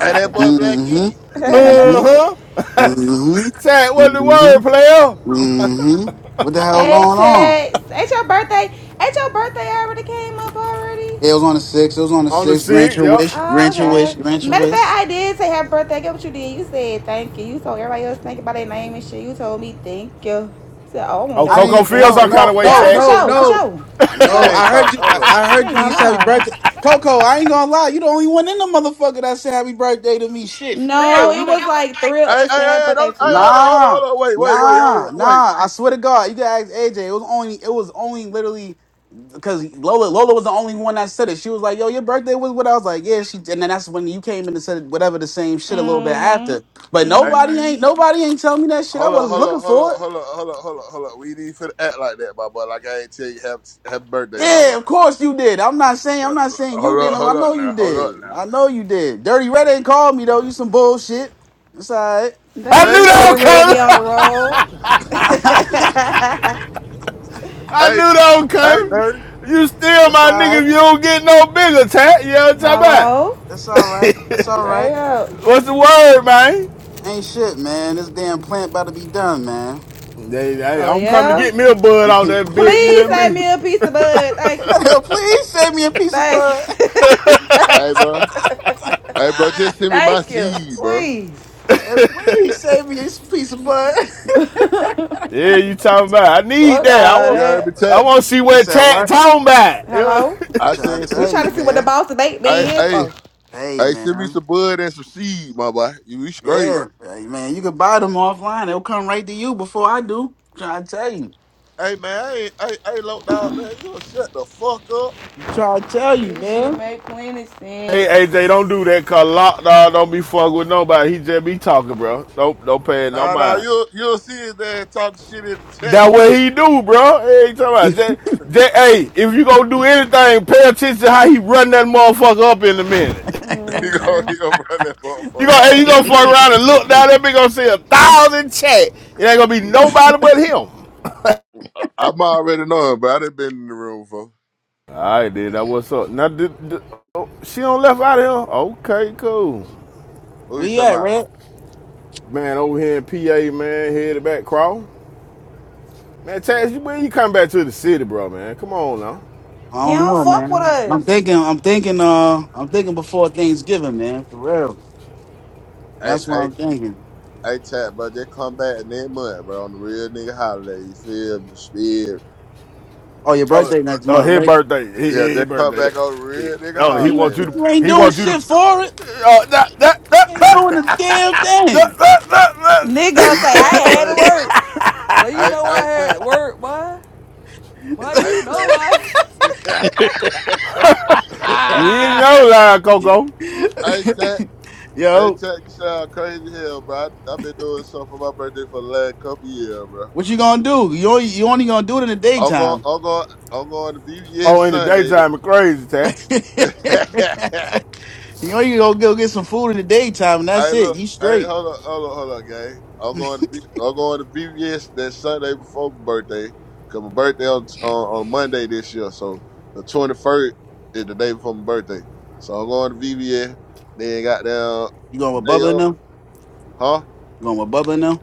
hey that boy Black E. Mm-hmm. Mm-hmm. huh. Mm-hmm. Tat, what the Mm-hmm. word, player? Mm-hmm. What the hell hey going on? Tex, ain't your birthday? Ain't your birthday already came up already? It was on the six. It was on the On the six. Grant six, your yep. wish. Oh, Grant your wish. okay. Grant your Matter of wish. fact, I did say happy birthday. Get what you did. You said thank you. You told everybody else thank you by their name and shit. You told me thank you. I said, oh, I want Oh, to I tell the Coco nigga didn't. happy feels No. some birthday. kind No. of way, No. Yeah, for Tat. No. sure. For No. sure. I For Man, know. I sure. ain't I talk heard you. I, hold up. I I heard ain't you when you gonna said happy lie. birthday, Coco. I ain't gonna lie. You the only one in the motherfucker that said happy birthday to me. Shit, for No, real. you it know. was like three of Hey, hey, us saying hey, happy hey, birthday don't to hey you. hold on, hold on, Nah, hold on, wait, wait, wait, hold nah, on, wait. nah. I swear to God, you can ask AJ. It was only, it was only literally because Lola, Lola was the only one that said it. She was like, "Yo, your birthday was what?" I was like, "Yeah." She, and then that's when you came in and said whatever the same shit a little bit Mm after. hmm. But Hey, nobody Mm hmm. ain't, nobody ain't telling me that shit. I hold on, wasn't hold on, looking hold for on, it. hold on, hold on, hold on, hold on. We need for to act like that, my boy. Like I ain't tell you happy, happy birthday, my Yeah, boy. of course you did. I'm not saying, I'm not saying you Hold up, didn't. I hold know up you now, hold up did. now. I know you did. Dirty Red ain't called me though. You some bullshit. It's all right. I Daddy, Man, we knew you know that gotta was that do that. red coming. be on the road. I knew Hey, that was hey, coming. dirty. You still it's all my nigga right. if you don't get no bigger, tat. You know what I'm talking about? Hello? It's all right. It's all Right right. up. What's the word, man? Ain't shit, man. This damn plant about to be done, man. They, they, Oh, I'm coming to yeah? get me a bud out that bit, you Please hear save me? me a piece of bud. Thank you. please save me a piece of Thank bud. you. Thank you. Hey, bro. Hey, bro, just send me my Thank you. seed, bro. Please. And please save me a piece of bud. Fuck Yeah, you talking about. I need all that. I You want heard me that. tell I want to see you where said tat what? talking about. You know? Hello? I'm I trying to said, we send tell trying you, to see what the man. boss debate be Hey, here hey, for. Hey, hey, send me man. some bud and some seed, my boy. You be straight. Yeah, hey, man. You can buy them offline. They'll come right to you before I do. I'm trying to tell you. Hey man, I ain't hey, hey low dog, man, you'll shut the fuck up. I'm trying to tell you, This shit man. make plenty sense. Hey, AJ, don't do that, cause lockdown don't be fucking with nobody. He just be talking, bro. Don't, don't pay it no Nah nah, mind. you'll you'll see his ass talk shit in the chat. That what he do, bro. Hey, you talking about J J hey, if you gonna do anything, pay attention to how he run that motherfucker up in a minute. he gonna he gonna run that You motherfucker gonna all hey, you the way gonna up. That fuck ain't- around and look down me. there, we gonna see a thousand chat. It ain't gonna be nobody but him. I, I'm already knowing, but I done been in the room for. Alright dude. that what's up. Now did, did- oh, she on left out of here? Okay, cool. Who you we talking at, about? Red? Man, over here in PA, man, headed back crawl. Man, Chaz, you- when you come back to the city, bro, man. Come on now. I He don't don't know, fuck with man. I'm us. thinking. I'm thinking. Uh, I'm thinking before Thanksgiving, man. For real. Hey, That's what hey, I'm thinking. hey chat, bro, just come back next month, bro, on the real nigga holiday. You feel me? Spirit. Oh, your Oh, birthday next oh month, his right? birthday. His, Yeah, his just come back on the birthday. real nigga Oh, he You, wants you to holiday, you ain't he doing wants you to shit for it. Oh, that, that, You that, ain't that, doing a damn man. that, thing. that, that, Hey, Nigga you say I sound that. had to crazy. work. But you I know I I ain't had to work, boy. Boy, Hey, you know I Tat. hey, You Ah. know, Lion Coco. Tat. Hey, Yo, Tat, you sound crazy hell, bro. I've been doing something for my birthday for the last couple years, bro. what you gonna do? You only, you only gonna do it in the I'm going, daytime. I'm going, I'm going to view yes Oh, in the Sunday. To... daytime, it crazy, Tat. hey, you only gonna go get some food in the daytime, and that's it. look. You Hey, straight. hold on, hold on, hold on, gang. I'm going to, V- I'm going to view yes that Sunday before my birthday. Cause my birthday on, on on Monday this year, so the 21st is the day before my birthday. So I'm going to VBS. Then got down You going with day Bubba up, now? huh? You going with Bubba now?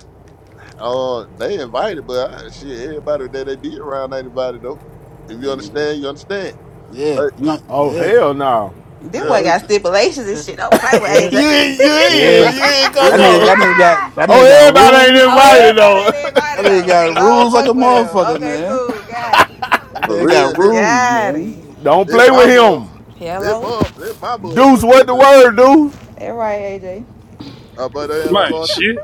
Oh, they invited, but I, shit, everybody that they be around ain't invited though. If you Yeah, understand, you understand. yeah, Hey, you know, Oh, yeah, hell no. This yeah, yeah, boy got stipulations and yeah, shit. Don't play with yeah. you AJ. in, you yeah. ain't, you for in That real, nigga, that Coco. nigga got that nigga Oh, got everybody ain't rules. Oh, invited, everybody though. ain't invited That nigga though, cause got I don't rules like a fuck with him. motherfucker, Okay, man. cool, got it. That for nigga got real. It, rules, Got man. it. Don't it play my with mother, him. it Hello. my, it my Deuce, motherfucking what the birthday. word, dude? All right, AJ. Uh, but then I'm Man, going to, shit.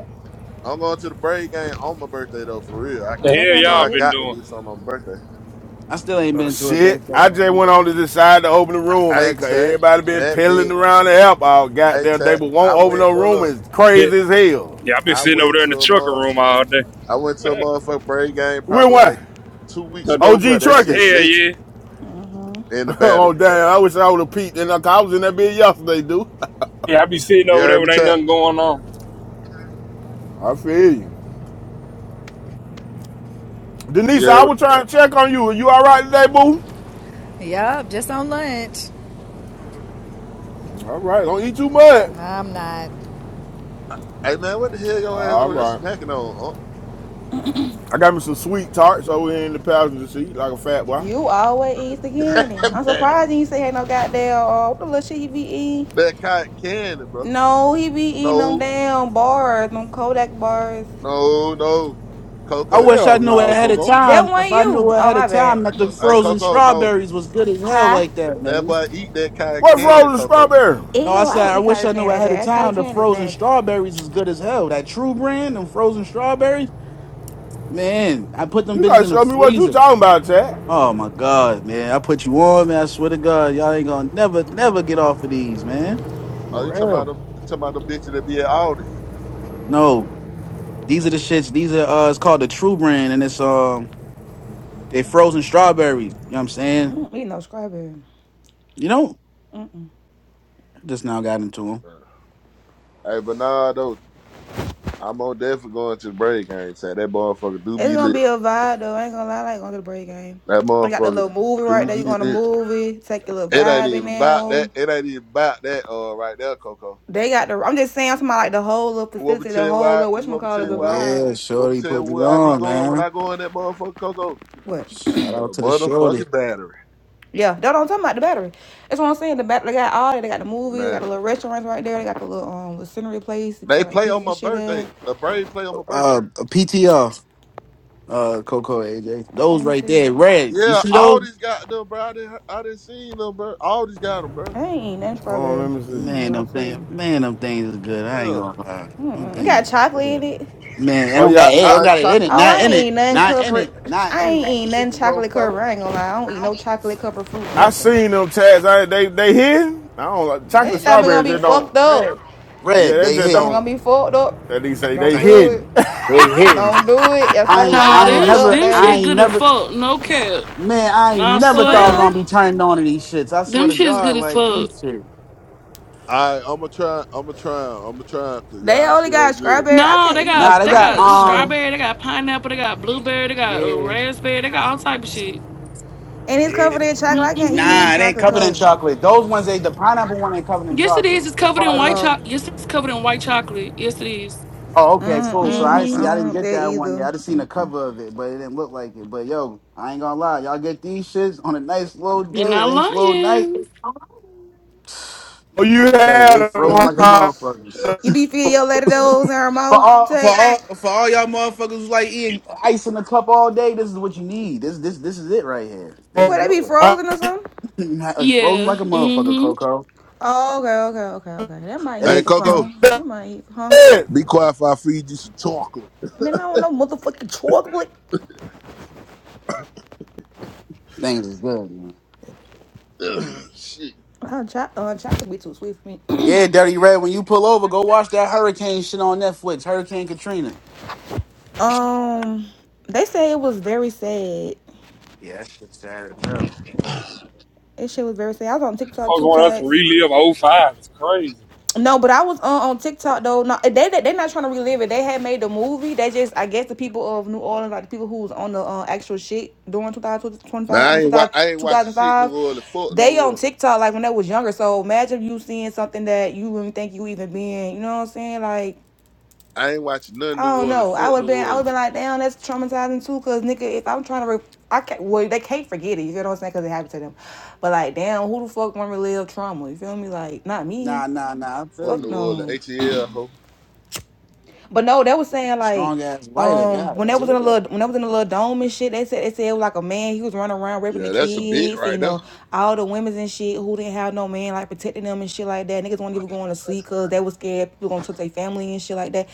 I'm going to the Braves game on my birthday though. For real, I, The Oh, that's hell you gonna know, be y'all I lit. been got to doing? do something on my birthday. I still ain't Uh, been to a shit, baseball I game. just went on to decide to open the room, man, Hey, because tech, everybody been that peddling bit. around the help all Hey, goddamn day, tech. but I won't open went. no Look, room. look. It's Yeah, crazy as hell. yeah, I been I sitting over went there in to the a trucker month. room all day. I went to a motherfucking Braves game We're probably what? like two weeks Uh, ago, bro. OG That Trucking. shit Hell lit yeah. in the oh, battery. damn, I wish I would have peeked in. I was in that bed yesterday, dude. Yeah, I be sitting You over there heard when me ain't tell? nothing going on. I feel you. Denise, I Yeah. was trying to check on you. Are you all right today, boo? Yup, just on lunch. All right. Don't eat too much. No, I'm not. Hey man, what the hell your ass All over there right. smacking on? I got me some sweet tarts over here in the passenger seat, like a fat boy. You always eats the Huh? candy. I'm man, surprised you ain't say ain't no goddamn uh, what the little shit he be eating. man, cotton candy, bro. No, he be eating them No, damn bars, them Kodak bars. no, no, I Coco. wish I Hell knew no, ahead of Coco. That time. If one I knew you. Oh ahead of my bad. time that the Hey, frozen Coco, no. strawberries was good as hell Hi. like that, That man. boy eat that cotton What candy, frozen Coco. strawberry? No, I Ew, I said don't I eat wish cotton I knew candy, AJ. ahead of That cotton time the candy is frozen nasty. strawberries is good as hell. That true brand and frozen strawberries, man. I put them You bitches gotta in the show me what you freezer. talking about, Tad. Oh my god, man. I put you on, man. I swear to God, y'all ain't gonna never, never get off of these, man. Oh, For you talking about real. them? You talking about them bitches that be at Aldi? No, These are the shits. These are uh, it's called the True Brand, and it's um, they frozen strawberries. You know what I'm I saying? don't eat no strawberry. You know, Mm-mm. just now got into Hey, but nah, though. I'm on death for going to the break. I ain't saying that motherfucker do It's be gonna lit. be a vibe though. I ain't gonna lie, I like going to the break game. That I got the motherfucker little movie right do there. You be go on the lit. movie, take a little It ain't vibe in even about there. that. It ain't even about that. Uh, right there, Coco. They got the. I'm just saying, I'm talking about like the whole little You want me facility, to tell the you whole why? little You want me to whatchamacallit tell is you a them. why? I'm- vibe. yeah, You want me to shorty tell you put me where I be on, going when man. I go in that motherfucking Coco? What? Shout To out the to the shorty. motherfucking battery, yeah, They don't talking about the battery. That's what I'm saying. The battery, they got all that. They got the movies, they got man. the little restaurants right there, they got the little um little scenery place, you They sell like play pizzas on and my shit at. birthday. The Braves play on my birthday. Uh, a PTR. Uh, Coco AJ. Those Let me right see. there, red. You Yeah, see all those? these got them, bro. I didn't, I didn't see them, bro. All these got them, bro. I ain't eating nothing Oh, strawberry. let me I see. Hmm, a Man, them lot things. too. Man, them things is good. Yeah. I ain't All gonna lie. Them Mm-mm. It things. is got chocolate in good. it. Man, it Oh don't yeah, got it. It I right, got it in it. chocolate Oh, Not I cover. ain't in it. eating nothing Not in covered. it. Not I in ain't it. eating This is nothing low chocolate color. covered. I ain't gonna lie. I don't eat no chocolate covered fruit, I, I nothing. seen them Tads. I, they they hidden. I don't like His chocolate Man, they stomach gonna hitting strawberries. be They red, don't. fucked up. red, Yeah, red. they They just Stomach gonna hitting, don't. be fucked up. That they say they Don't do it. hidden. they hitting. Don't do it. Your I stomach ain't, gonna be Nah, I ain't fucked them, up, never, them I daddy. shit ain't good as never, fuck. No cap. man. I ain't I For never thought I swear. was real. gonna be turned on to these shits. I swear Them to shit's good God, as like fuck. these shit. All right, I'm gonna try. I'm gonna try. I'm gonna try because They y'all only shit got ain't good. strawberry. I No, can't they eat no. Nah, got they they I I'm. got can't got eat um, no. strawberry, they got pineapple, they got blueberry, they got uh, yeah, raspberry, they got all type of shit. And it's yeah. covered in chocolate. I can't eat nothing Nah, hmm it ain't chocolate covered in covered. chocolate. Those ones, they the pineapple one ain't covered in Yes, it chocolate. is. It's As covered in far as I, white Oh. chocolate. Yes, it's covered in white chocolate. Yes, it is. oh, okay, Mm cool. So I mm. I see, Mm-hmm. I don't didn't want get that that one yet. either. I just seen the Mm-mm. cover of it, but it didn't look like it. But yo, I ain't gonna lie, y'all get these shits on a nice slow You're day, not nice slow night. lying. oh, you I tell you, they had froze them. like a huh? motherfucker. You be feeding your lady those in her For mouth all, for all, text. for all y'all motherfuckers who like eating ice in the cup all day, this is what you need. This, this, this is it right here. This What is they be yours. frozen I- or something? Like, frozen Yeah. like a motherfucker, Mm-hmm. Coco. Oh, okay, okay, okay, okay. That might It hit Hey, ain't for Coco, some. It might hit, huh? be quiet if I feed you some chocolate. Man, I don't know motherfucking chocolate. things is good, man. shit. Uh, uh, chocolate be too sweet for me. Yeah, Dirty Red. When you pull over, go watch that hurricane shit on Netflix. Hurricane Katrina. um, they say it was very sad Yeah, that shit's sad as hell. That shit was very sad. I was on TikTok Folks two want us to tats. relive '05. It's crazy. No, but I was on, on TikTok though. No, they they they not trying to relive it. They had made the movie. They just I guess the people of New Orleans, like the people who was on the uh, actual shit during 2025. Man, I I mean two ain't, wa- thousand I ain't two watching thousand shit five. New Orleans. Fuck New They on Orleans. TikTok like when they was younger. So imagine you seeing something that you wouldn't think you even been. You know what I'm saying? Like I ain't watching none I New don't Orleans, know. I Fort would have New been. I would have Orleans, been like, damn, that's traumatizing too. Cause nigga, if I'm trying to, re- I can't. Well, they can't forget it. You feel what I'm saying? Cause it happened to them. But like, damn, who the fuck want to relive trauma? You feel me? Like, not Nah, me. nah, nah. I feel Fort Fuck New you. Orleans, no. ATL. Ho. But no, they was saying like, Strong ass lighter, um, when god they was in a damn. little, when they was in a little dome and shit, they said they said it was like a man. He was running around raping the Yeah, that's a bit kids. You right there. know, all the women's and shit who didn't have no man like protecting them and shit like that. Niggas wasn't even going to sleep cause they was scared people gonna took their family and shit like that.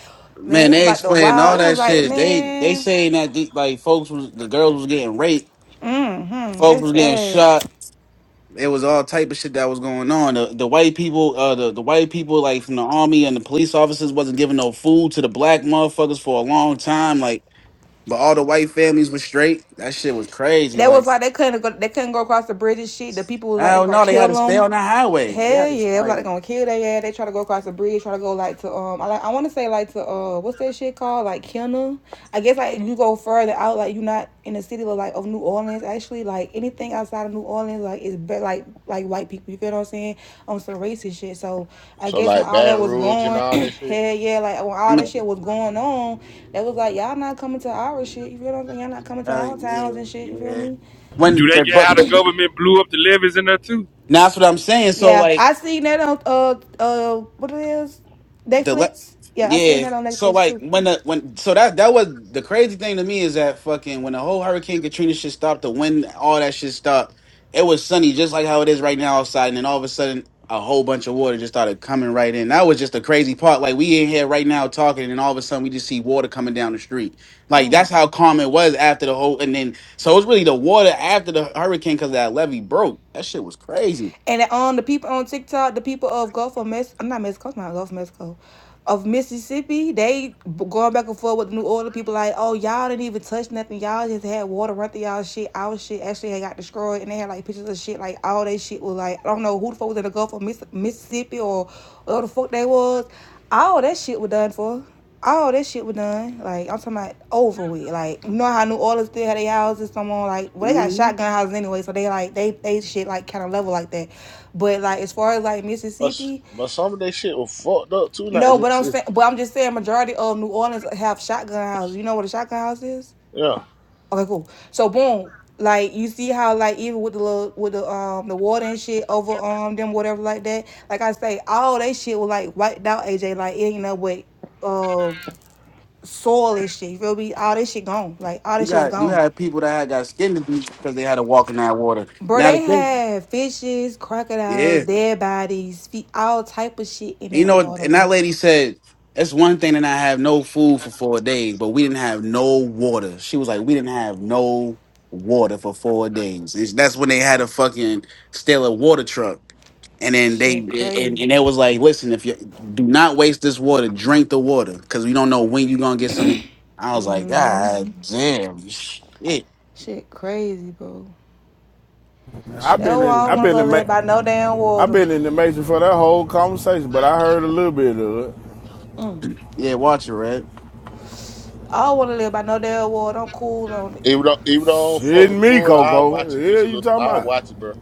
Man, Man, it was they like the explaining wild. all It was that like shit. They they man. saying that the, like folks was the girls was getting raped, Mm-hmm. folks That's was getting sad. shot. It was all type of shit that was going on. The, the white people, uh, the, the white people like from the army and the police officers wasn't giving no food to the black motherfuckers for a long time. Like, but all the white families was straight. That shit was crazy. That Like, was like they couldn't go. They couldn't go across the bridge and shit. The people was I like they don't gonna know. They had kill to stay them. on the highway. Yeah, Hell it's yeah, it was like like they gonna kill their ass. They try to go across the bridge. Try to go like to um. I like. I want to say like to uh. What's that shit called? Like Kenna. I guess like you go further out. Like you not in the city of like of New Orleans. actually like anything outside of New Orleans like it's be- like like white people. You feel what I'm saying? On some racist shit. So I So guess when like all that Baton was Rouge and going, all that shit. hell yeah, like when all I'm a that Yeah. shit was going on, that was like y'all not coming to our shit. You feel what I'm saying? Y'all not coming to uh, our yeah towns and shit. You feel yeah. me? When Do they that get how but the the, government blew up the levees in there too? now that's what I'm saying. So Yeah, like. I seen that on uh uh what it is, the le- Netflix. Yeah, I seen yeah. that on So Netflix like too. when the when so that that was the crazy thing to me is that fucking when the whole Hurricane Katrina shit stopped, the wind, all that shit stopped. It was sunny just like how it is right now outside, and then all of a sudden a whole bunch of water just started coming right in. That was just the crazy part. Like we in here right now talking, and all of a sudden we just see water coming down the street. Like that's how calm it was after the whole. And then so it was really the water after the hurricane because that levee broke. That shit was crazy. And on um, the people on TikTok, the people of Gulf of Mexico, I'm not Mexico, it's not Gulf of Mexico, of Mississippi, they going back and forth with the New Orleans. People like, oh, y'all didn't even touch nothing. Y'all just had water run through y'all shit. Our shit actually had got destroyed. And they had like pictures of shit. Like all that shit was like, I don't know who the fuck was in the Gulf of Miss- Mississippi or whatever the fuck they was. All that shit was done for all that shit was done. Like I'm talking about over with. Like you know how New Orleans still had their houses, someone like well they got Mm-hmm. shotgun houses anyway, so they like they they shit like kind of level like that. But like as far as like But s- Mississippi, but some of that shit was fucked up too. Like no. But I'm Mississippi. saying, but I'm just saying majority of New Orleans have shotgun houses. You know what a shotgun house is? Yeah. Okay, cool. So boom, like you see how like even with the little with the um the water and shit over um them whatever like that. Like I say, all that shit was like wiped out. AJ like it ain't no way. Uh, soil and shit. You feel me? All this shit gone. Like all You this shit was got you gone. had people that had got skin disease because they had to walk in that water. Bro, Now the they thing, had fishes, crocodiles, yeah, dead bodies, feet, all type of shit in you that know, water, and that bro. lady said that's one thing that I have no food for four days, but we didn't have no water. She was like, we didn't have no water for four days. It's- that's when they had a fucking steal a water truck, and then they Shit crazy. and, and it was like, listen, if you do not waste this water, drink the water because we don't know when you're gonna get some. I was like, God damn, shit, Shit crazy, bro. that I've That's shit's been why I crazy. in don't I've wanna been go in ma- live by no damn I've water. been in the major for that whole conversation, but I heard a little bit of it. Mm. Yeah, watch it, Red. I don't wanna live by no damn water. I'm cool on it. Even though even though I don't fuck Shit with New me, Orleans, I Coco. watch The it just a Hell, you little. talking I about? watch it, bro.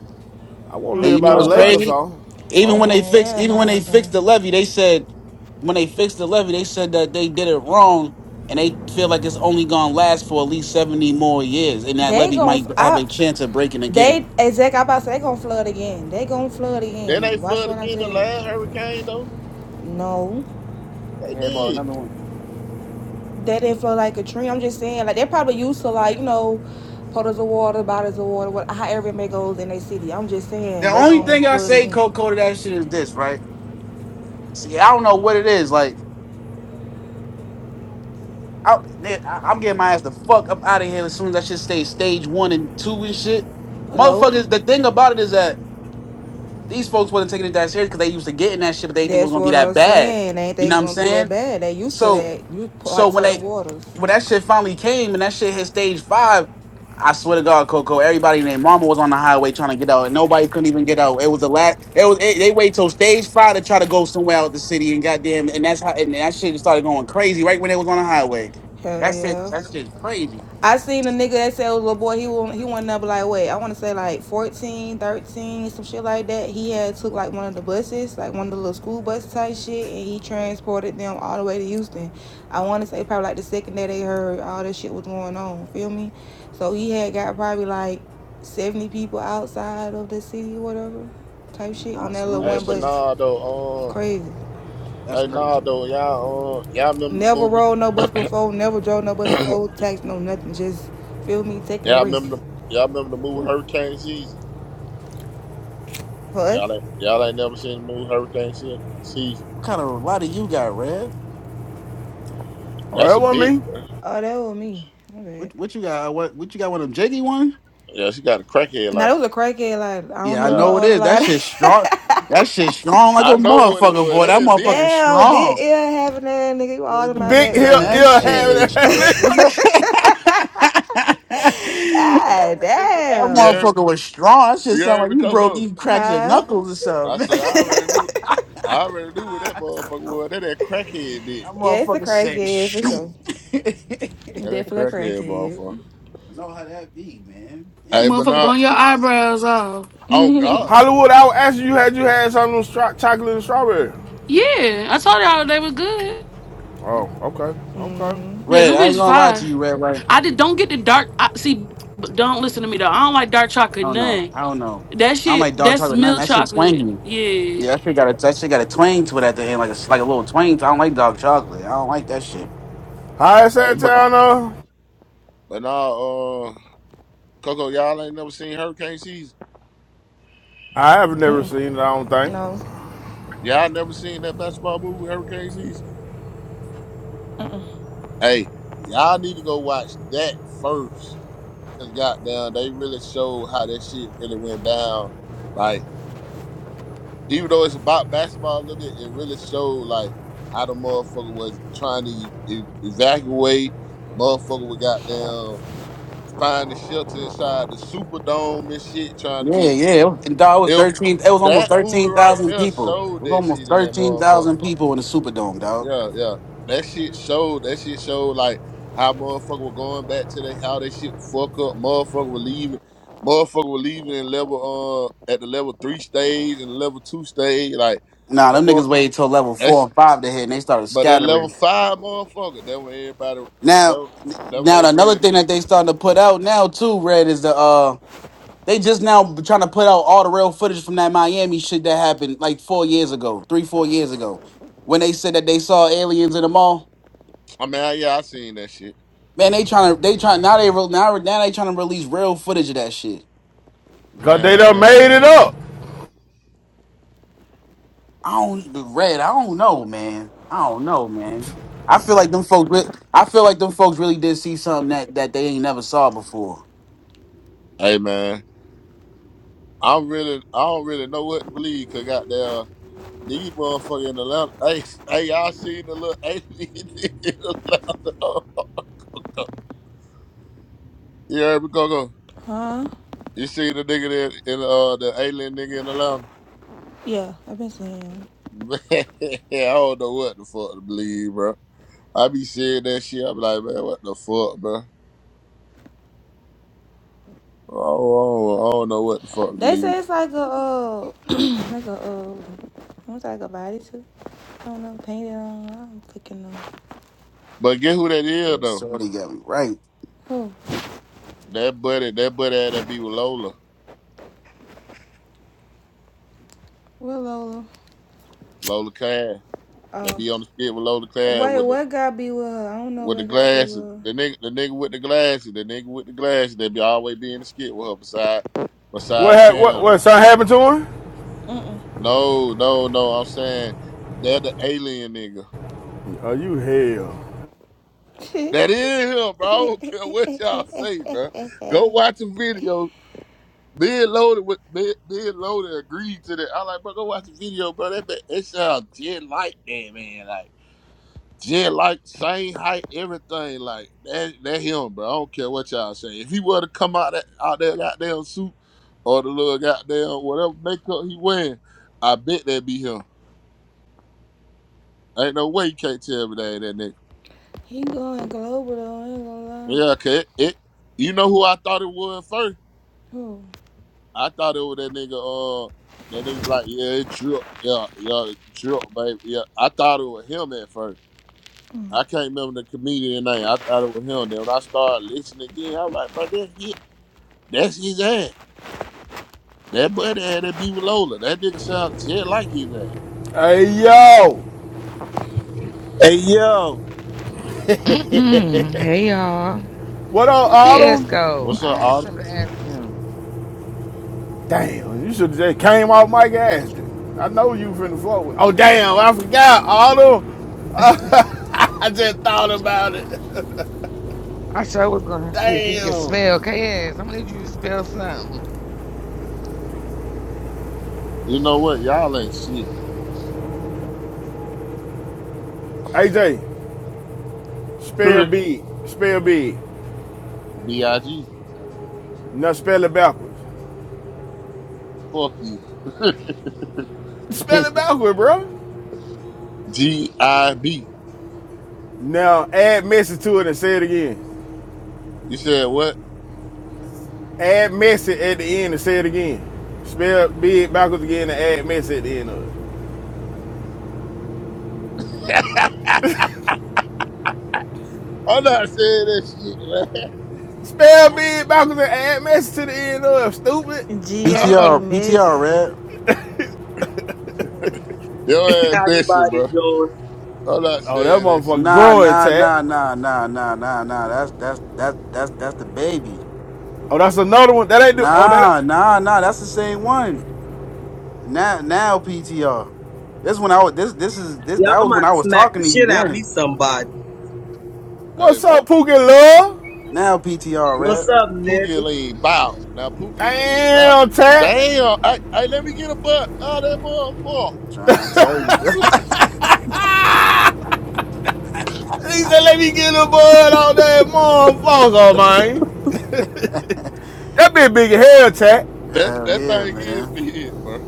I won't I And live you know by the I what's Mm-mm. lake or watch it. crazy? something. Man, Even Oh, when they fixed, yeah, even when nah, they fixed again. the levy, they said when they fixed the levy, they said that they did it wrong, and they feel like it's only gonna last for at least seventy more years, and that They levy gon' might have I a chance of breaking again. they exact I about to say they gon' flood again. They gon' flood then they again. Watch flood what I again tell the you. last hurricane though. No. They Yeah, about did. another one. That didn't feel like a dream. I'm just saying, like they're probably used to like you know, puddles of water, bottles of water, what however it may goes in their city. I'm just The saying they only gonna thing I flood say, again. Coco, to that shit is this, right? See, I don't know what it is. Like, I, man, I- I'm getting my ass the fuck up out of here as soon as that shit stays stage one and two and shit. Hello, Motherfuckers, the thing about it is that These folks wasn't taking it that serious because they used to getting that shit, but they didn't think it was that's gonna be what that I'm bad. saying. They Ain't You know they what I'm gonna be that saying? bad? They used to So that. You so like when certain they waters. when that shit finally came and that shit hit stage five, I swear to God, Coco, everybody named Mama was on the highway trying to get out, and nobody couldn't even get out. It was the last. It was it, they wait till stage five to try to go somewhere out the city, and goddamn, and that's how and that shit started going crazy right when it was on the highway. Hell That's it. yeah. That shit's crazy. I seen a nigga that said was little boy. He won. He won number like wait. I want to say like 14, 13, some shit like that. He had took like one of the buses, like one of the little school bus type shit, and he Yeah. transported them all the way to Houston. I want to say probably like the second day they heard all this shit was going on. Feel me? So he had got probably like seventy people outside of the city or whatever type shit Nah, on as that little soon as Hey, that one shit's bus. It's Bernardo, uh, crazy. that's hey, crazy. Nardo, y'all, uh, y'all remember the Never movie? rode no bus before. Never drove no bus before. Tax no nothing. Just feel me taking the y'all risk remember the, y'all remember the movie Ooh, Hurricane Season? for Y'all us. ain't, y'all ain't never seen the movie Hurricane Se- Season. what kind of lot do you got, Red? Or That's that a big, wasn't me. bro. Oh, that was me. My bad. What what you got? What what you got? One of them jiggy one? Yeah, she got a crackhead Now like. that was a crackhead. Like I don't Yeah, I know my Yeah, know it order is. That line. shit strong. That shit strong like a I know what it motherfucker, was. boy. That That ain't big. motherfucker Damn, big strong. ill having that nigga. You Uh, all in my Big Man, hill that background. ill shit is Damn. having strong. that ah, You damn. heard, me- motherfucker was strong. That shit you sound heard like me, you broke, Coco? you cracked your Huh? knuckles or I something. said I already knew. I that already knew what that motherfucker was. That that crackhead bit. yeah, it's a motherfucker said, crackhead for shoot. sure. I That that Definitely a crackhead motherfucker. crackhead. know how that be, man. Hey, Damn. but Motherfucker, not burn your eyebrows off. oh God. Hollywood, I was asking you had you had something with chocolate and strawberry. Yeah, I told y'all they was good. Oh, okay, okay. Yeah, Red, them I ain't bitch gonna lie to fire. you, Red. Like I did don't get the dark. I, see, but don't listen to me though. I don't like dark I chocolate don't know. none. I don't know. That I don't shit. like dark That's chocolate nothing. milk That shit chocolate. twangy. Yeah. Yeah, that shit got a that shit got a twang to it at the end, like a like a little twang. To, it. I don't like dark chocolate. I don't like that shit. How is Hey, that but But not town uh? but now uh Coco, y'all ain't never seen Hurricane Season. I have never Mm-mm. seen it, I don't think. No. Y'all never seen that basketball movie Hurricane Season. Hey, y'all need to go watch that first Cause goddamn, they really showed how that shit really went down. Like, even though it's about basketball a little bit, it really showed like how the motherfucker was trying to e- e-, evacuate. Motherfucker would goddamn find the shelter inside the Superdome and shit, trying to yeah, get. yeah. And dog, it was It, thirteen. It was almost that movie thirteen right thousand there people. It showed was that almost shit in that thirteen motherfucker. thousand people in the Superdome, dog. Yeah, yeah. That shit showed. That shit showed like how motherfucker were going back to they how they shit fuck up. Motherfucker were leaving. Motherfucker were leaving in level uh at the level three stage and level two stage. Like Nah, the them more niggas waited till level four that's and five to hit, and they started but at level scattering. five motherfucker. That when everybody Now, that that when they now another really. thing that they starting to put out now too, Red is the uh They just now trying to put out all the real footage from that Miami shit that happened like four years ago, three, four years ago, when they said that they saw aliens in the mall. I mean, yeah, I seen that shit, Man, they trying to they trying now they re- now now they trying to release real footage of that shit. Cause they done made it man. up. I don't red. I don't know, man. I don't know, man. I feel like them folks. re- I feel like them folks really did see something that that they ain't never saw before. Hey, man. I'm really, I don't really know what to believe. Cause goddamn. These motherfuckers in Atlanta. Hey, hey, y'all seen the little alien nigga in Atlanta? Oh, go. You heard me, go. go. Huh? You seen the nigga that in uh the alien nigga in Atlanta? Yeah, I've been seeing. Man, I don't know what the fuck to believe, bro. I be seeing that shit. I be like, man, what the fuck, bro? Oh, oh, I don't know what the fuck to They believe. say it's like a uh, like a uh, almost like a body too. I don't know, painted on. I don't fucking know. But guess who that is though? Somebody got me right. Who? That buddy, that buddy that be with Lola, Where, Lola? Lola Cash. That Oh. be on the skit with Lola Cash Wait, with what God be with her? I don't know with the what God be glasses. with The nigga, the nigga with the glasses. The nigga with the glasses. They be always be in the skit with her beside What beside ha- what Cam. what Now. something happened to him? her. Uh No, no, no. I'm saying they're the alien nigga. Are you hell? That is him, bro. I don't care what y'all say, bro. Go uh. watch the video. Being loaded with being loaded agreed to that. I like, bro, go watch the video, bro. That that, that sound just like that, man. Like. Jen like same height, everything like that. That him, bro. I don't care what y'all say. If he were to come out that out that goddamn suit or the little goddamn whatever makeup he wearing, I bet that be him. Ain't no way you can't tell me that ain't that nigga. he going global though, I ain't gonna lie. Yeah, okay. It, it- you know who I thought it was first? Who? I thought it was that nigga. Uh, that nigga be like yeah, it drip. Yeah, yeah, it drip, baby. Yeah, I thought it was him at first. I can't remember the comedian name. I thought it was him. Then when I started listening again, I was like, bro, this him. That's his ass. That buddy had that be with Lola. That nigga sound shit like his ass. Hey yo! Hey yo, hey y'all. What up, Where KS Autumn? go? What's up, I had Autumn? something to ask him. Damn, you should have just came off Mike Ashton. I know you finna fuck with. Oh damn, I forgot Autumn. I just thought about it. I sure was gonna see if he could spell Damn. KS. I'm gonna need you to spell something. You know what? Y'all ain't shit. AJ, spell Correct. B, spell B. B-I-G. Now spell it backwards. Fuck you. Spell it backwards, bro. G-I-B. Now add message to it and say it again. You said what? Add message at the end and say it again. Spell big backwards again and add message at the end of it. I'm not saying that shit, Spell big backwards and add message to the end of it. Stupid. P G, I T man. be R. P T R. messy. red. Your ambition, Everybody bro. doing? I'm not Oh, that saying that shit. motherfucker Nah, growing, nah, tat. nah, nah, nah, nah, nah, nah. That's that's that's that's that's the baby. Oh, that's another one. That ain't do. Oh, that. Nah, Ain't. nah, nah. That's the same one. Now, now PTR. This when I was this this is this Y'all that was when might I was smack talking the to you shit out of me then. somebody. Hey, What's up, Pookie Love? Now PTR, What's red. up, nigga? Pookie Lean, bow. Now, Pookie Lean, bow. Damn, tat. Damn. Hey, hey, let me get a butt out of that motherfucker. Trying to tell you. He said, let me get a bud on that motherfucker, man. That bitch big as hell, tat. That, Hell that yeah, thing is man. big, bro.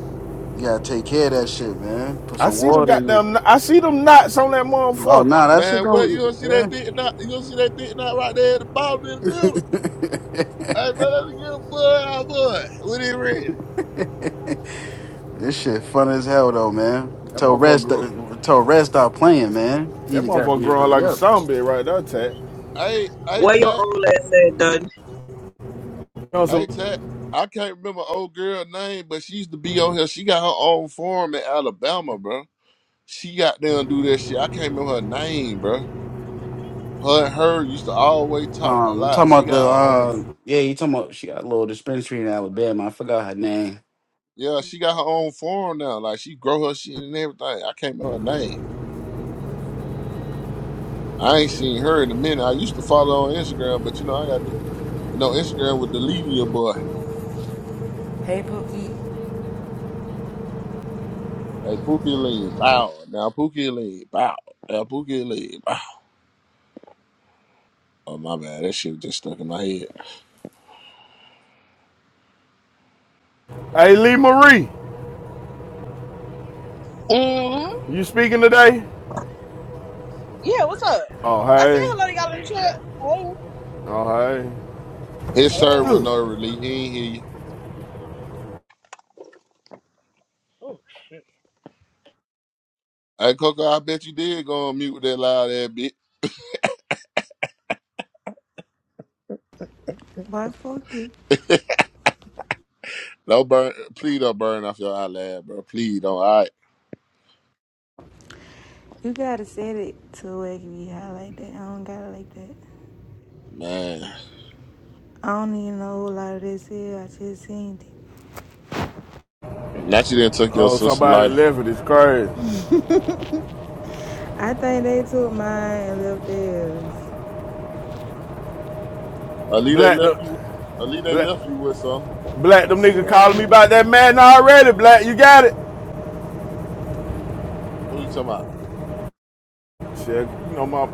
You gotta take care of that shit, man. Put I some see them water in it. goddamn. I see them knots on that Oh motherfucker. nah, that shit Man, what you going don't see yeah. that dick not you don't see that dick not right there at the bottom in the middle. Hey man, let me get a boy out boy. What it ready? this shit fun as hell though, man. That Tell motherfucker rest growing. tell rest stop playing, man. Need That to motherfucker goddamn growing hurry like a up. zombie right there, tat. Hey, hey Where your Tat, old ass at, done? You know, hey so- Tat. I can't remember old girl name, but she used to be on here. She got her own farm in Alabama, bro. She got there and do that shit. I can't remember her name, bro. Her and her used to always talk a Um, lot. talking She about the got her own uh, yeah, you talking about she got a little dispensary in Alabama. I forgot her name. yeah, she got her own farm now. Like she grow her shit and everything. I can't remember her name. I ain't seen her in a minute. I used to follow her on Instagram, but you know I got You know, Instagram would delete your boy. Hey, Pookie. Hey, Pookie Lean, bow. Now Pookie Lean, bow. Now Pookie Lean, bow. Oh, my bad. That shit just stuck in my head. hey, Lee Marie, hmm you speaking today? Yeah, what's up? Oh, I said hey. hello to y'all in the chat. Oh, hey. His server, Hey. no relief. He ain't hear you. Hey, Coco, I bet you did go on mute with that loud ass bitch. Why fuck you? Don't burn, please don't burn off your eyelid, bro. Please don't. All right, You gotta set it to where it can be high like that. I don't gotta like that. man. I don't even know a whole lot of this here. I just seen it. Not you didn't took your Oh, sister somebody lighter. left it. It's crazy. I think they took mine and left theirs. Ali, they Black, left you. the, Ali, they black. left you with some. Black, them It's nigga shit calling me alone. about that man already. Black, you got it. Who you talking about? Shit, you know my.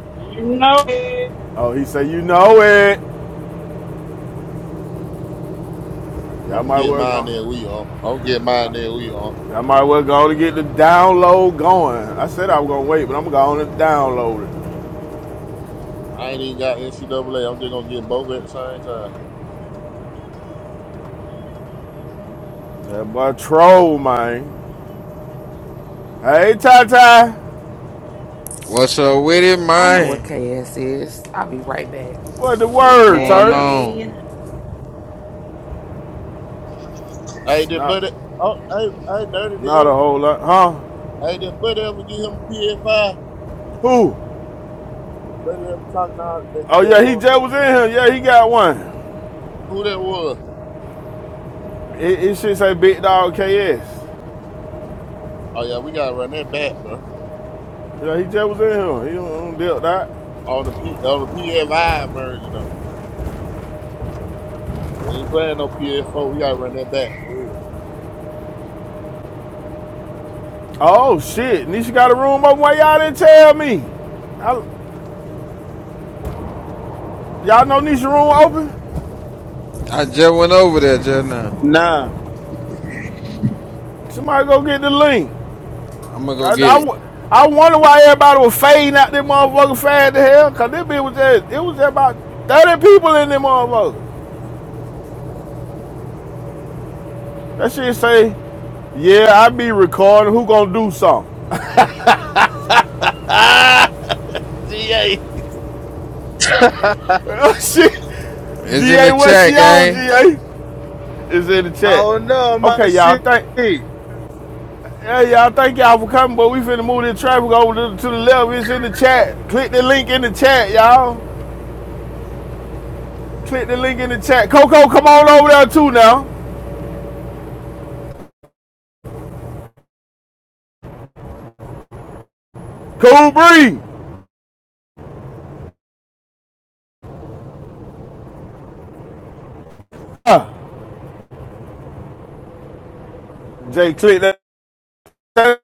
yeah. You know it. Oh, he say you know it. I'm Y'all gonna might get well mine there. go. We on. I'm gonna get mine there. We on. Y'all might well go to get the download going. I said I was gonna wait, but I'm going to download it. I ain't even got NCAA. I'm just gonna get both at the same time. That boy troll, man. Hey, Ty Ty. What's up with it, I know where man? KS is. I'll be right back. What the What's word, going turd? Hey. on? Hey, It's did Not, Buddy? Oh, hey, hey, Dirty, did not ever, a whole lot, huh? hey, did Buddy ever get him a PS5? Who? Buddy ever talking all that? Oh that yeah, he on, just was in here. Yeah, he got one. who that was? It, it should say Big Dog KS. Yeah, Oh yeah, we gotta run that back, bro. he just was in here. He don't, don't deal with that. On the P, on the PS5 version though. We ain't playing no PS4. We gotta run that back for real. Oh shit, Nisha got a room open. Why y'all didn't tell me? I, y'all know Nisha room open? I just went over there just now. nah. Somebody go get the link. I'm gonna go I, get I, it. I wonder why everybody was fading out that motherfucker fast to hell. Cause this bitch was just, it was just about 30 people in that motherfucker. That shit say, yeah, I be recording. Who gonna do something? shit. It's in GA, the what chat, she on, gang. GA? Is in the I chat. don't know, my Okay, y'all, thank shit. Hey, y'all, thank y'all for coming, but we finna move this traffic over to, to the left. It's in the chat. Click the link in the chat, y'all. Click the link in the chat. Coco, come on over there too now. Cool Bree. Uh, Jay, click that.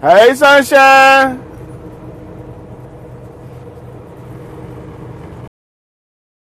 Hey, Sunshine.